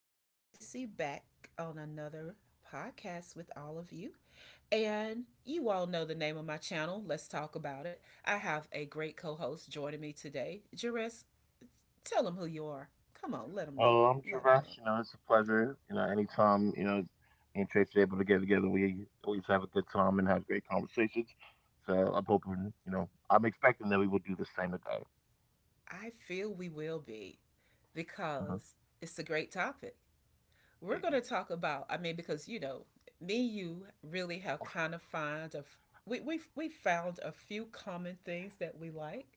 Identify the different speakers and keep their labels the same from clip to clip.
Speaker 1: I am Tracy back on another podcast with all of you. And you all know the name of my channel. Let's talk about it. I have a great co host joining me today. Jerez, tell them who you are. Come on, let them know.
Speaker 2: Oh, I'm
Speaker 1: Let them
Speaker 2: Travis.
Speaker 1: know.
Speaker 2: You know, it's a pleasure. You know, anytime, you know, me and Trace are able to get together, we always have a good time and have great conversations. So I'm hoping, you know, I'm expecting that we will do the same today.
Speaker 1: I feel we will be
Speaker 2: Uh-huh.
Speaker 1: because it's a great topic. We're going
Speaker 2: Yeah.
Speaker 1: to talk about, me and you really have kind of found a few common things that we like.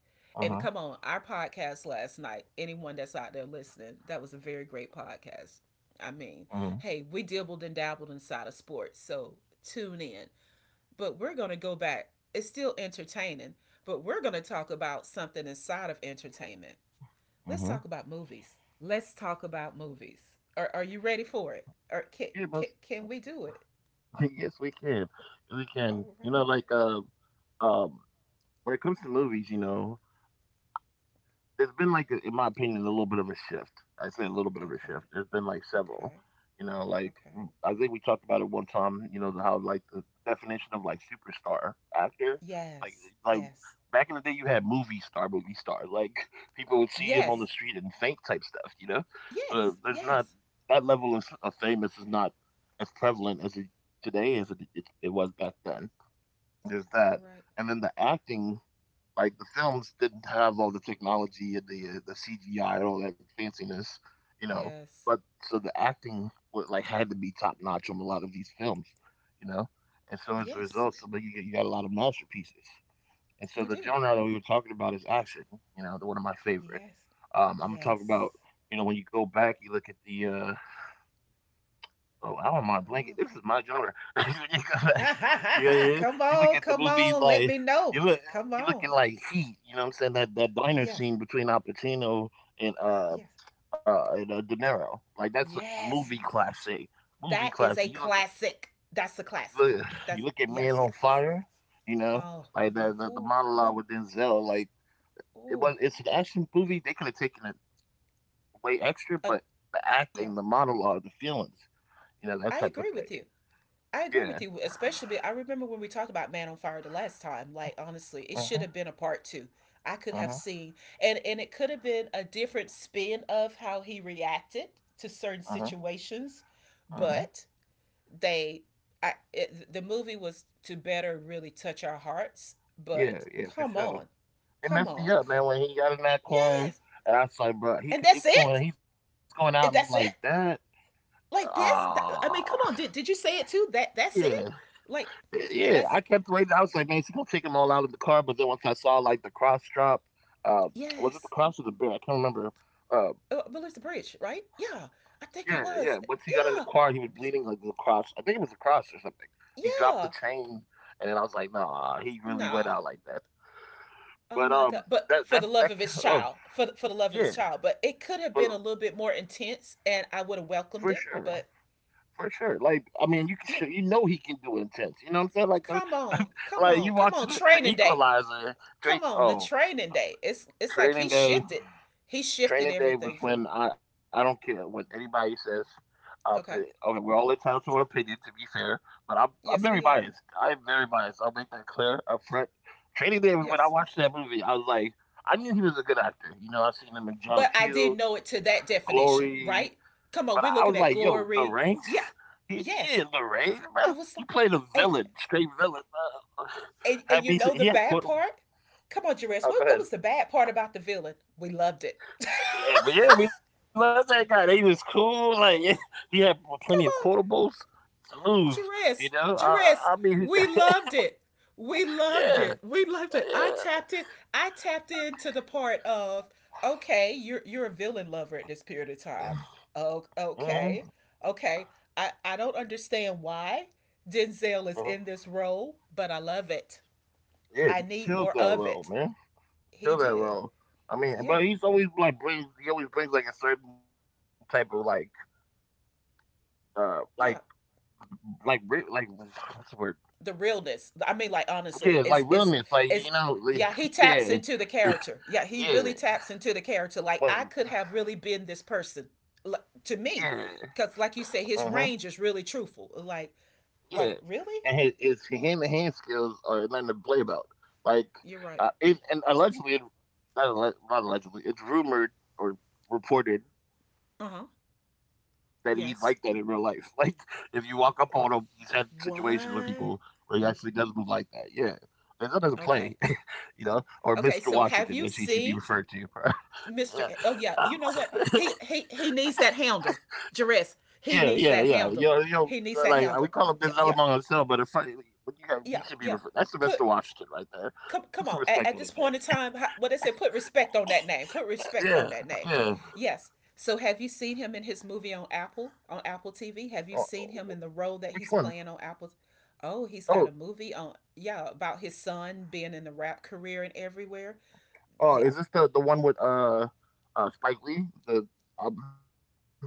Speaker 1: And
Speaker 2: Uh-huh.
Speaker 1: come on, our podcast last night, anyone that's out there listening, that was a very great podcast. I
Speaker 2: Uh-huh.
Speaker 1: mean, hey, we dibbled and dabbled inside of sports, so tune in. But we're going to go back. It's still entertaining, but we're going to talk about something inside of entertainment. Let's
Speaker 2: Uh-huh.
Speaker 1: talk about movies. Let's talk about movies. Are you ready for it? Or can,
Speaker 2: Yeah, but
Speaker 1: can, can we do it?
Speaker 2: yes, we can. We can.
Speaker 1: All right.
Speaker 2: You know, like, um, when it comes to movies, you know, there's been like in my opinion a little bit of a shift. I say a little bit of a
Speaker 1: Okay.
Speaker 2: shift. There's been like several,
Speaker 1: Okay.
Speaker 2: you know, like
Speaker 1: Okay.
Speaker 2: I think we talked about it one time. You know how like the definition of like superstar actor, like
Speaker 1: Yes.
Speaker 2: like
Speaker 1: Yes.
Speaker 2: back in the day you had movie star. Movie star, like people would see him on the
Speaker 1: Yes.
Speaker 2: street and faint type stuff, you know. So
Speaker 1: Yes.
Speaker 2: there's not
Speaker 1: Yes.
Speaker 2: that level of, famous is not as prevalent as it today as it was back then. There's
Speaker 1: You're
Speaker 2: that.
Speaker 1: right.
Speaker 2: And then the acting, like the films didn't have all the technology and the CGI and all that fanciness, you know.
Speaker 1: Yes.
Speaker 2: But so the acting was like had to be top notch on a lot of these films, you know. And so as a
Speaker 1: Yes.
Speaker 2: result, so but you you got a lot of masterpieces. And so
Speaker 1: You
Speaker 2: the
Speaker 1: do.
Speaker 2: genre that we were talking about is action, you know, the one of my favorite.
Speaker 1: Yes.
Speaker 2: I'm gonna talk about,
Speaker 1: Yes.
Speaker 2: you know, when you go back, you look at the oh, I don't mind
Speaker 1: Come
Speaker 2: blanket.
Speaker 1: on.
Speaker 2: This is my genre. You come back,
Speaker 1: Ha ha ha
Speaker 2: yeah,
Speaker 1: ha.
Speaker 2: yeah.
Speaker 1: Come
Speaker 2: You look
Speaker 1: on.
Speaker 2: at the
Speaker 1: Come
Speaker 2: movies
Speaker 1: on. Let
Speaker 2: like
Speaker 1: me know.
Speaker 2: you look,
Speaker 1: Come
Speaker 2: you
Speaker 1: on.
Speaker 2: looking like Heat. You know what I'm saying? That diner
Speaker 1: Yes.
Speaker 2: scene between Al Pacino and
Speaker 1: Yes.
Speaker 2: De Niro, like that's a movie
Speaker 1: Yes.
Speaker 2: classic. Movie
Speaker 1: That is
Speaker 2: classic.
Speaker 1: a classic. That's a
Speaker 2: You
Speaker 1: classic.
Speaker 2: look, you
Speaker 1: That's
Speaker 2: look at
Speaker 1: yes,
Speaker 2: Man on
Speaker 1: yes.
Speaker 2: Fire. You know,
Speaker 1: Oh,
Speaker 2: like the
Speaker 1: ooh,
Speaker 2: monologue with Denzel. Like it
Speaker 1: ooh.
Speaker 2: was, it's an action movie. They could have taken it way extra,
Speaker 1: Uh,
Speaker 2: but the
Speaker 1: yeah,
Speaker 2: acting, the monologue, the feelings, you know, that
Speaker 1: I
Speaker 2: type of
Speaker 1: agree with
Speaker 2: thing.
Speaker 1: you. I agree with
Speaker 2: Yeah.
Speaker 1: you, especially I remember when we talked about Man on Fire the last time. Like honestly, it
Speaker 2: Uh
Speaker 1: should
Speaker 2: huh.
Speaker 1: have been a part two. I could
Speaker 2: Uh
Speaker 1: have
Speaker 2: huh.
Speaker 1: seen, and it could have been a different spin of how he reacted to certain
Speaker 2: Uh-huh.
Speaker 1: situations,
Speaker 2: Uh-huh.
Speaker 1: but they, the movie was to better really touch our hearts.
Speaker 2: Yeah,
Speaker 1: But
Speaker 2: yeah, for
Speaker 1: come
Speaker 2: sure.
Speaker 1: on,
Speaker 2: It
Speaker 1: come
Speaker 2: messed me
Speaker 1: on,
Speaker 2: up, man,
Speaker 1: come,
Speaker 2: when he got in that car
Speaker 1: yes,
Speaker 2: and I was like, bro,
Speaker 1: and
Speaker 2: it's
Speaker 1: that's
Speaker 2: going,
Speaker 1: it.
Speaker 2: he's going out like that.
Speaker 1: That's it. Like
Speaker 2: Ah,
Speaker 1: this I mean, come on, did you say it too
Speaker 2: yeah.
Speaker 1: that that's it like
Speaker 2: Yeah. I kept
Speaker 1: that's
Speaker 2: waiting. I was like, man, is he gonna take them all out of the car? But then once I saw like the cross drop, uh was it the
Speaker 1: yes.
Speaker 2: cross or the bear? I can't remember. Uh
Speaker 1: Oh, I believe the bridge, right? Yeah, I think
Speaker 2: yeah,
Speaker 1: it
Speaker 2: yeah.
Speaker 1: was,
Speaker 2: Once he got in the
Speaker 1: yeah,
Speaker 2: car, he was bleeding like the cross. I think it was a cross or something. He dropped the
Speaker 1: yeah,
Speaker 2: chain and then I was like, nah, he really went
Speaker 1: nah.
Speaker 2: out like that.
Speaker 1: Oh
Speaker 2: But
Speaker 1: my god, but
Speaker 2: that
Speaker 1: for
Speaker 2: that
Speaker 1: the love
Speaker 2: that
Speaker 1: of his
Speaker 2: oh
Speaker 1: child, for the love of his
Speaker 2: yeah.
Speaker 1: child, but it could have been a
Speaker 2: Well,
Speaker 1: little bit more intense and I would have
Speaker 2: for
Speaker 1: welcomed it,
Speaker 2: sure.
Speaker 1: but
Speaker 2: For sure. Like, I mean, you can sure,
Speaker 1: yeah.
Speaker 2: you know he can do intense. You know what I'm saying? Like the
Speaker 1: come on come
Speaker 2: like
Speaker 1: on
Speaker 2: you
Speaker 1: come on
Speaker 2: watching
Speaker 1: training
Speaker 2: the
Speaker 1: day.
Speaker 2: equalizer.
Speaker 1: Come on, the
Speaker 2: Oh,
Speaker 1: training day. It's like he
Speaker 2: training
Speaker 1: shifted.
Speaker 2: day.
Speaker 1: He shifted
Speaker 2: Training
Speaker 1: everything
Speaker 2: day
Speaker 1: for
Speaker 2: was
Speaker 1: me.
Speaker 2: when I don't care what anybody says.
Speaker 1: Okay.
Speaker 2: Okay, we're all entitled to our opinion, to be fair, but
Speaker 1: Yes,
Speaker 2: I'm
Speaker 1: we
Speaker 2: very
Speaker 1: are.
Speaker 2: biased. I'm very biased. I'll make that clear up front. Training Day
Speaker 1: Yes,
Speaker 2: was when I watched that movie. I was like, I knew he was a good actor. You know, I seen
Speaker 1: but
Speaker 2: him in
Speaker 1: I
Speaker 2: John
Speaker 1: did know it to
Speaker 2: Q,
Speaker 1: that definition,
Speaker 2: Glory.
Speaker 1: right? Come on,
Speaker 2: But
Speaker 1: we're
Speaker 2: I
Speaker 1: looking
Speaker 2: was
Speaker 1: at
Speaker 2: like, yo, the
Speaker 1: glory.
Speaker 2: range,
Speaker 1: Yeah,
Speaker 2: he
Speaker 1: yes.
Speaker 2: in the range,
Speaker 1: I
Speaker 2: bro.
Speaker 1: was like,
Speaker 2: He played a
Speaker 1: and,
Speaker 2: villain, straight villain. Bro.
Speaker 1: and you know the
Speaker 2: Had me,
Speaker 1: bad
Speaker 2: he had
Speaker 1: part?
Speaker 2: quit. Oh,
Speaker 1: Come on, Jerez, what was the
Speaker 2: go
Speaker 1: bad
Speaker 2: ahead.
Speaker 1: part about the villain? We loved it.
Speaker 2: Yeah, but yeah, we love that guy. He was cool. Like yeah, he had
Speaker 1: Come
Speaker 2: plenty of
Speaker 1: on.
Speaker 2: quotables to lose.
Speaker 1: Jerez,
Speaker 2: You know,
Speaker 1: Jerez,
Speaker 2: I mean,
Speaker 1: we loved it. We loved it.
Speaker 2: yeah,
Speaker 1: We loved it. I
Speaker 2: yeah.
Speaker 1: tapped it. I tapped into the part of okay, you're a villain lover at this period of time. Oh,
Speaker 2: Mm-hmm,
Speaker 1: okay, okay. I don't understand why Denzel is
Speaker 2: hmm.
Speaker 1: in this role, but I love it.
Speaker 2: Yeah,
Speaker 1: I
Speaker 2: he
Speaker 1: need
Speaker 2: killed
Speaker 1: more
Speaker 2: that
Speaker 1: of
Speaker 2: role,
Speaker 1: it.
Speaker 2: man.
Speaker 1: He
Speaker 2: Killed that
Speaker 1: did.
Speaker 2: role. I mean,
Speaker 1: Yeah,
Speaker 2: but he's always like brings. He always brings like a certain type of like, uh, like,
Speaker 1: yeah.
Speaker 2: like, what's the word?
Speaker 1: The realness. I mean, like
Speaker 2: Yeah, it's
Speaker 1: honestly,
Speaker 2: like
Speaker 1: it's it's
Speaker 2: realness, like you
Speaker 1: it's
Speaker 2: know, like,
Speaker 1: yeah, he taps
Speaker 2: yeah,
Speaker 1: into the character. Yeah, he
Speaker 2: yeah,
Speaker 1: really taps into the character. Like
Speaker 2: but
Speaker 1: I could have really been this person, like
Speaker 2: yeah,
Speaker 1: to me, because like you
Speaker 2: uh-huh,
Speaker 1: say, his range is really truthful.
Speaker 2: yeah.
Speaker 1: Like
Speaker 2: And
Speaker 1: really,
Speaker 2: his hand to hand skills are nothing to play about. Like,
Speaker 1: you're right.
Speaker 2: and allegedly, not, not allegedly, it's rumored or reported that he's
Speaker 1: Uh
Speaker 2: like
Speaker 1: huh.
Speaker 2: that in real life. Like, if you
Speaker 1: Yes.
Speaker 2: walk up on him, he's had situations with people where he actually does
Speaker 1: What?
Speaker 2: move like that. Yeah, and that doesn't play,
Speaker 1: Okay.
Speaker 2: you know, or Mr.
Speaker 1: Okay.
Speaker 2: Washington,
Speaker 1: So
Speaker 2: as he
Speaker 1: have
Speaker 2: should be
Speaker 1: you
Speaker 2: referred to.
Speaker 1: seen
Speaker 2: Yeah.
Speaker 1: Mister? A-
Speaker 2: Uh,
Speaker 1: Oh yeah. You know what? He needs that handle, Jerez.
Speaker 2: yeah, yeah,
Speaker 1: He
Speaker 2: yeah.
Speaker 1: needs that
Speaker 2: Yo, yo,
Speaker 1: handle. He
Speaker 2: like we
Speaker 1: needs that
Speaker 2: call them
Speaker 1: handle.
Speaker 2: Denzel among
Speaker 1: Yeah, yeah,
Speaker 2: ourselves, but if I, but you got, he should be
Speaker 1: yeah,
Speaker 2: referred.
Speaker 1: yeah.
Speaker 2: That's the Mr.
Speaker 1: Put,
Speaker 2: Washington right there.
Speaker 1: come
Speaker 2: Put some
Speaker 1: on,
Speaker 2: respect on
Speaker 1: at this
Speaker 2: his
Speaker 1: point in time, what they say, put respect on that name, put
Speaker 2: name.
Speaker 1: respect on that name.
Speaker 2: Yeah, yeah.
Speaker 1: Yes, so have you seen him in his movie on Apple, on Apple
Speaker 2: Oh,
Speaker 1: TV? Have you seen him in the
Speaker 2: wh- which
Speaker 1: role that
Speaker 2: one?
Speaker 1: he's playing on Apple? Oh, he's
Speaker 2: Oh,
Speaker 1: got a movie on, yeah, about his son being in the rap career and everywhere.
Speaker 2: oh,
Speaker 1: Yeah,
Speaker 2: is this the one with Spike Lee? The um,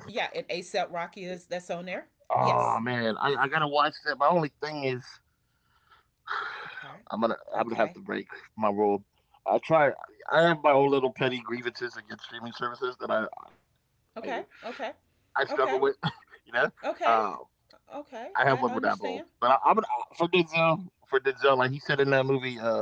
Speaker 1: yeah, and ASAP Rocky is, that's on there.
Speaker 2: oh man,
Speaker 1: Yes.
Speaker 2: I gotta watch that. My only thing is
Speaker 1: Okay.
Speaker 2: I'm gonna have to
Speaker 1: Okay,
Speaker 2: break my rule. I try. I have my own little petty grievances against streaming services that I
Speaker 1: okay,
Speaker 2: I
Speaker 1: okay,
Speaker 2: struggle with,
Speaker 1: okay,
Speaker 2: you know. Um,
Speaker 1: okay,
Speaker 2: I have
Speaker 1: okay.
Speaker 2: one with that
Speaker 1: I
Speaker 2: bone, but
Speaker 1: understand.
Speaker 2: I'm gonna for Denzel. For Denzel, like he said in that movie,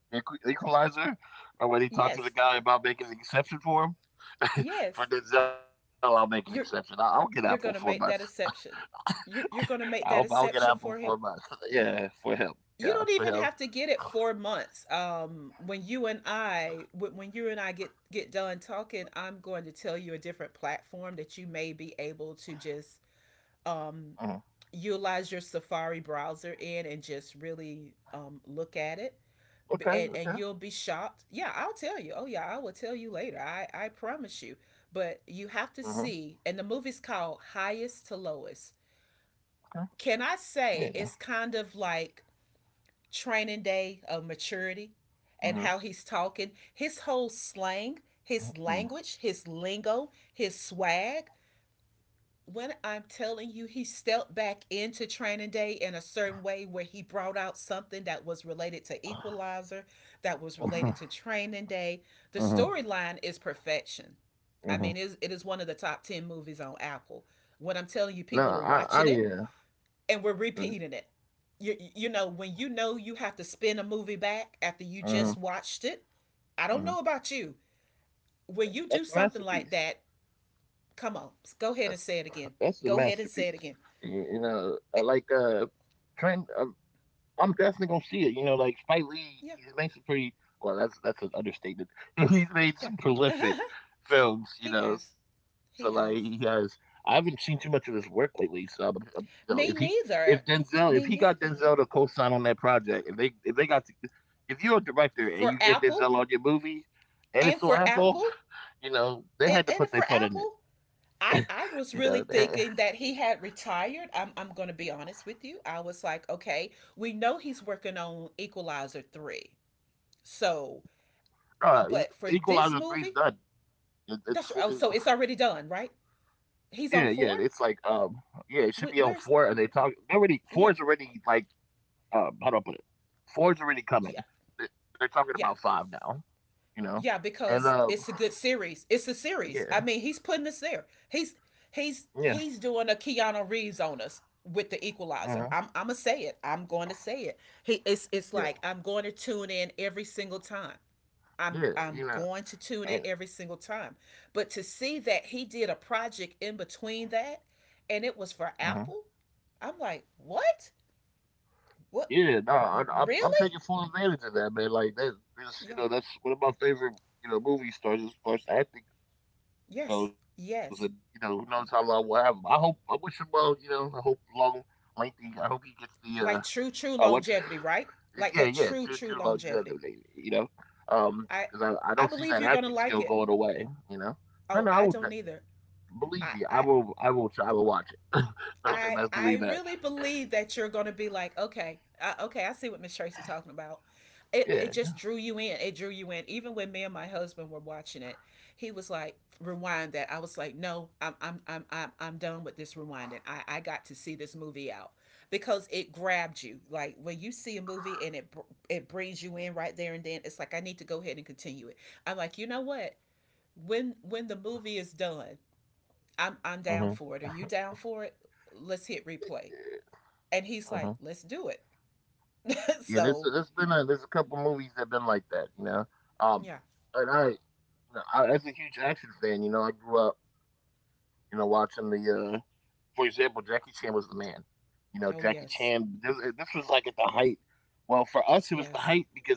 Speaker 2: Equ- Equalizer, or when he talked to the
Speaker 1: Yes.
Speaker 2: guy about making an exception for him. For
Speaker 1: Yes.
Speaker 2: Denzel, I'll make an exception. I'll
Speaker 1: you're
Speaker 2: get Apple for months.
Speaker 1: you're going to make that exception. You're going to
Speaker 2: I'll get
Speaker 1: make that
Speaker 2: Apple for
Speaker 1: exception
Speaker 2: months.
Speaker 1: for him.
Speaker 2: Yeah, for him. Yeah, for
Speaker 1: You
Speaker 2: him.
Speaker 1: don't even have to get it four months. When you and I, when you and I get done talking, I'm going to tell you a different platform that you may be able to just
Speaker 2: Mhm.
Speaker 1: um, utilize your Safari browser in and just really look at it.
Speaker 2: Okay. Okay.
Speaker 1: And you'll be shocked. Yeah, I'll tell you. Oh, yeah, I will tell you later. I promise you. But
Speaker 2: Hmm.
Speaker 1: you have to see, and the movie's called Highest to Lowest.
Speaker 2: Okay.
Speaker 1: Can I
Speaker 2: Yeah.
Speaker 1: say it's kind of like training day of maturity and
Speaker 2: Hmm.
Speaker 1: how he's talking? His whole slang, his
Speaker 2: Hmm.
Speaker 1: language, his lingo, his swag. When I'm telling you, he stepped back into training day in a certain way where he brought out something that was related to Equalizer, that was related to training day. The
Speaker 2: Hmm.
Speaker 1: storyline is perfection. I
Speaker 2: Hmm.
Speaker 1: mean, it is one of the top 10 movies on Apple.
Speaker 2: No,
Speaker 1: When I'm telling you,
Speaker 2: I
Speaker 1: people are
Speaker 2: yeah.
Speaker 1: watching it,
Speaker 2: Mm-hmm.
Speaker 1: and we're repeating it. You know when you know you have to spin a movie back after you just watched it. I don't
Speaker 2: Hmm.
Speaker 1: know about you. When you do
Speaker 2: That's a
Speaker 1: something like
Speaker 2: masterpiece.
Speaker 1: that, come on,
Speaker 2: That's
Speaker 1: go ahead and
Speaker 2: that's a
Speaker 1: say it again.
Speaker 2: masterpiece.
Speaker 1: Go ahead and say it
Speaker 2: You,
Speaker 1: again.
Speaker 2: you know, I like
Speaker 1: Eh,
Speaker 2: Trent. I'm definitely gonna see it. You know, like Spike Lee,
Speaker 1: yeah,
Speaker 2: he's made some pretty. Well, that's an understatement. He's made
Speaker 1: yeah.
Speaker 2: some prolific films. You
Speaker 1: he
Speaker 2: know,
Speaker 1: has.
Speaker 2: so like he
Speaker 1: He
Speaker 2: has.
Speaker 1: has.
Speaker 2: I haven't seen too much of his work lately. So, you know,
Speaker 1: Me
Speaker 2: if
Speaker 1: neither.
Speaker 2: Denzel, if he
Speaker 1: Me
Speaker 2: got Denzel to
Speaker 1: neither.
Speaker 2: co-sign on that project, if they got to, if you're a director and
Speaker 1: For
Speaker 2: you get
Speaker 1: Apple,
Speaker 2: Denzel on your movie, and
Speaker 1: and
Speaker 2: it's on
Speaker 1: for
Speaker 2: Apple,
Speaker 1: Apple,
Speaker 2: you know, they had to
Speaker 1: and
Speaker 2: put their
Speaker 1: for
Speaker 2: foot in
Speaker 1: Apple.
Speaker 2: it. You
Speaker 1: I
Speaker 2: know,
Speaker 1: I
Speaker 2: they,
Speaker 1: was really thinking that he had retired. I'm going to be honest with you. I was like, okay, we know he's working on Equalizer 3. So,
Speaker 2: Uh,
Speaker 1: but for
Speaker 2: E
Speaker 1: this
Speaker 2: Equalizer 3's
Speaker 1: movie,
Speaker 2: done. It it's
Speaker 1: that's
Speaker 2: fo
Speaker 1: oh,
Speaker 2: it
Speaker 1: so it's already done, right?
Speaker 2: yeah, yeah, it's
Speaker 1: He's on
Speaker 2: like,
Speaker 1: 4?
Speaker 2: yeah, it should be on 4 and
Speaker 1: Where's
Speaker 2: they talk they already 4 is
Speaker 1: yeah.
Speaker 2: already like, how do I put it? 4 is already
Speaker 1: Yeah.
Speaker 2: coming. They they're talking
Speaker 1: Yeah.
Speaker 2: about 5 now, you know?
Speaker 1: Yeah,
Speaker 2: And,
Speaker 1: because it's a good series. It's a series.
Speaker 2: yeah,
Speaker 1: I mean, he's putting us there. He's
Speaker 2: yeah,
Speaker 1: he's he's doing a Keanu Reeves on us with the
Speaker 2: mhm,
Speaker 1: equalizer. I'm gonna say it. I'm going to say it. He
Speaker 2: yeah,
Speaker 1: it's like I'm going to tune in every single time. I'm
Speaker 2: yeah,
Speaker 1: I'm
Speaker 2: you know,
Speaker 1: going to tune in
Speaker 2: and
Speaker 1: every single time. But to see that he did a project in between that, and it was
Speaker 2: mhm.
Speaker 1: for Apple, I'm like, "What? What?
Speaker 2: Yeah, no, I'm taking
Speaker 1: Really?"
Speaker 2: full advantage of that, man, like, that is, you
Speaker 1: Yeah.
Speaker 2: know, that's one of my favorite, you know, movie stars as far as acting
Speaker 1: Yes.
Speaker 2: goes, and you know, who
Speaker 1: Yes.
Speaker 2: knows how long we'll have him. I hope, I wish him well. You know, I hope long, lengthy. I hope he gets the
Speaker 1: Like true true
Speaker 2: what's
Speaker 1: longevity, right?
Speaker 2: yeah,
Speaker 1: Like
Speaker 2: yeah,
Speaker 1: that
Speaker 2: true,
Speaker 1: true
Speaker 2: true
Speaker 1: true longevity.
Speaker 2: longevity. You know, um,
Speaker 1: I
Speaker 2: because I
Speaker 1: I
Speaker 2: don't see
Speaker 1: believe
Speaker 2: that
Speaker 1: you're gonna
Speaker 2: acting
Speaker 1: like
Speaker 2: skill
Speaker 1: it.
Speaker 2: going away. You know, no,
Speaker 1: Oh,
Speaker 2: no, I
Speaker 1: I
Speaker 2: would
Speaker 1: don't either.
Speaker 2: believe you.
Speaker 1: I I
Speaker 2: I will watch it. I best believe
Speaker 1: I
Speaker 2: that.
Speaker 1: I really believe that you're gonna be like, okay, I see what Miss Tracy talking about. It,
Speaker 2: Yeah.
Speaker 1: it just drew you in. It drew you in. Even when me and my husband were watching it, he was like, rewind that. I was like, no, I'm done with this rewinding. I got to see this movie out because it grabbed you. Like when you see a movie and it brings you in right there and then, it's like I need to go ahead and continue it. I'm like, you know what? When the movie is done,
Speaker 2: Mm-hmm.
Speaker 1: I'm down for it. Are you down for it? Let's hit
Speaker 2: Yeah.
Speaker 1: replay. And
Speaker 2: Uh-huh.
Speaker 1: he's like, let's do it.
Speaker 2: Yeah,
Speaker 1: so
Speaker 2: there's a couple movies that have been like that, you know. Um,
Speaker 1: yeah.
Speaker 2: and I as a huge action fan, you know, I grew up, you know, watching the for example, Jackie Chan was the man. You know, Jackie
Speaker 1: Oh
Speaker 2: Chan.
Speaker 1: yes,
Speaker 2: This was like at the height. Well, for us, it was the height
Speaker 1: yes,
Speaker 2: because like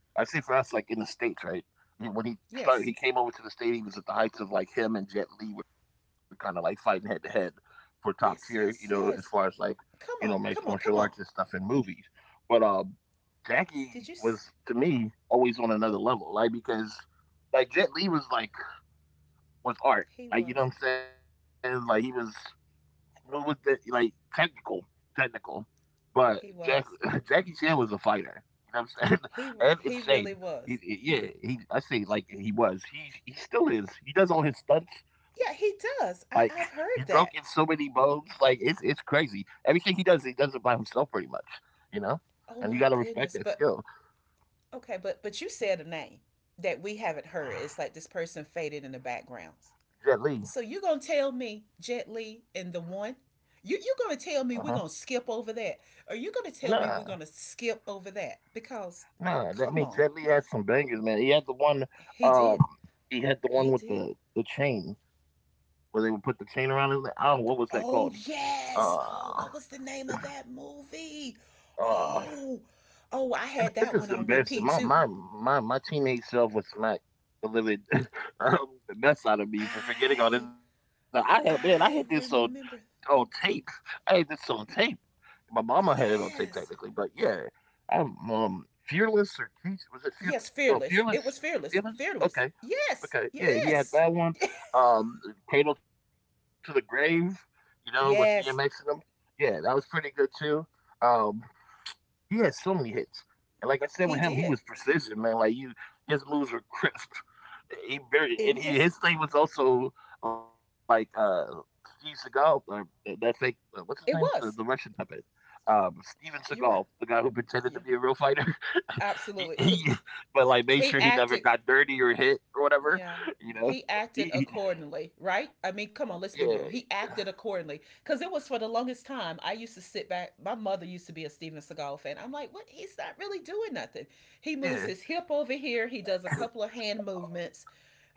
Speaker 2: I say for us, like in the states, right? When he started,
Speaker 1: yes,
Speaker 2: he came over to the state. He was at the heights of like him and Jet Li were kind of like fighting head to head for top tier. You know,
Speaker 1: yes,
Speaker 2: as
Speaker 1: yes,
Speaker 2: far as like,
Speaker 1: yes.
Speaker 2: you know, mixed
Speaker 1: Come on,
Speaker 2: martial
Speaker 1: come
Speaker 2: arts and
Speaker 1: on, come
Speaker 2: stuff
Speaker 1: on.
Speaker 2: in movies. But Jackie
Speaker 1: Did you?
Speaker 2: was
Speaker 1: S-
Speaker 2: to me always on another level, like because like Jet Li was like was art,
Speaker 1: he
Speaker 2: like you
Speaker 1: was.
Speaker 2: know what I'm saying, like he was what was the like technical, technical, but Jack
Speaker 1: He was.
Speaker 2: Jackie Chan was a fighter, you know what I'm saying, and
Speaker 1: He
Speaker 2: insane.
Speaker 1: really was.
Speaker 2: Yeah, he, I say like he was, he still is. He does all his stunts.
Speaker 1: Yeah,
Speaker 2: Like
Speaker 1: he
Speaker 2: he
Speaker 1: does.
Speaker 2: broke in
Speaker 1: I
Speaker 2: so
Speaker 1: I've
Speaker 2: many
Speaker 1: heard
Speaker 2: bones,
Speaker 1: that.
Speaker 2: like it's crazy. Everything he does it by himself, pretty much, you know. And you gotta
Speaker 1: Oh my
Speaker 2: respect that
Speaker 1: goodness.
Speaker 2: skill.
Speaker 1: But okay, but you said a name that we haven't heard. It's like this person faded in the background.
Speaker 2: Jet Li.
Speaker 1: So you gonna tell me Jet Li and the one? You
Speaker 2: Uh
Speaker 1: gonna
Speaker 2: huh.
Speaker 1: tell me we're gonna skip over that? Are you gonna tell
Speaker 2: Nah,
Speaker 1: me we're gonna skip over that? Because,
Speaker 2: nah. I mean,
Speaker 1: come
Speaker 2: Jet
Speaker 1: on,
Speaker 2: Li had some bangers, man. He had the one,
Speaker 1: he
Speaker 2: um,
Speaker 1: did,
Speaker 2: he had the one
Speaker 1: he
Speaker 2: with
Speaker 1: did.
Speaker 2: the chain where they would put the chain around his neck. Oh, what was that called?
Speaker 1: Oh
Speaker 2: Uh,
Speaker 1: yes. Oh, what was the name of that movie?
Speaker 2: uh.
Speaker 1: Oh, oh, I
Speaker 2: And
Speaker 1: had
Speaker 2: this
Speaker 1: that
Speaker 2: is
Speaker 1: one on
Speaker 2: embarrassing.
Speaker 1: repeat too.
Speaker 2: My teenage self was smacked the living the mess out of me for forgetting all this.
Speaker 1: I
Speaker 2: I had, man, I had this so.
Speaker 1: I
Speaker 2: Oh,
Speaker 1: remember.
Speaker 2: tape. I had this on tape. My mama had it on tape technically, but
Speaker 1: Yes,
Speaker 2: yeah. I'm Fearless or Teach, was it Fearless?
Speaker 1: yes,
Speaker 2: No, Fearless.
Speaker 1: fearless. It was fearless,
Speaker 2: Fearless? Okay.
Speaker 1: fearless. Yes,
Speaker 2: Okay. Yeah, he had
Speaker 1: yes,
Speaker 2: that one. Um Cradle to the Grave, you know, with DMX in them.
Speaker 1: yes.
Speaker 2: Yeah, that was pretty good too. Um he had so many hits, and like I said with him, he
Speaker 1: He
Speaker 2: was
Speaker 1: did.
Speaker 2: precision, man. Like you, his moves were crisp. He very and
Speaker 1: In
Speaker 2: he, his
Speaker 1: his,
Speaker 2: thing was also like Steve Seagal or that thing. What's his name? The
Speaker 1: it
Speaker 2: Russian
Speaker 1: was.
Speaker 2: puppet. Steven Seagal,
Speaker 1: You're
Speaker 2: the
Speaker 1: right.
Speaker 2: guy who pretended to be a
Speaker 1: Yeah,
Speaker 2: real fighter, he,
Speaker 1: absolutely.
Speaker 2: he, but like made sure he
Speaker 1: He
Speaker 2: never got
Speaker 1: acted.
Speaker 2: dirty or hit or whatever,
Speaker 1: Yeah,
Speaker 2: you know.
Speaker 1: he acted
Speaker 2: He, he-
Speaker 1: accordingly, right? I mean,
Speaker 2: yeah,
Speaker 1: come on, let's be real. He acted accordingly because it was for the longest time. I used to sit back. My mother used to be a Steven Seagal fan. I'm like, what? He's not really doing nothing. He moves
Speaker 2: yeah.
Speaker 1: his hip over here. He does a couple of hand movements.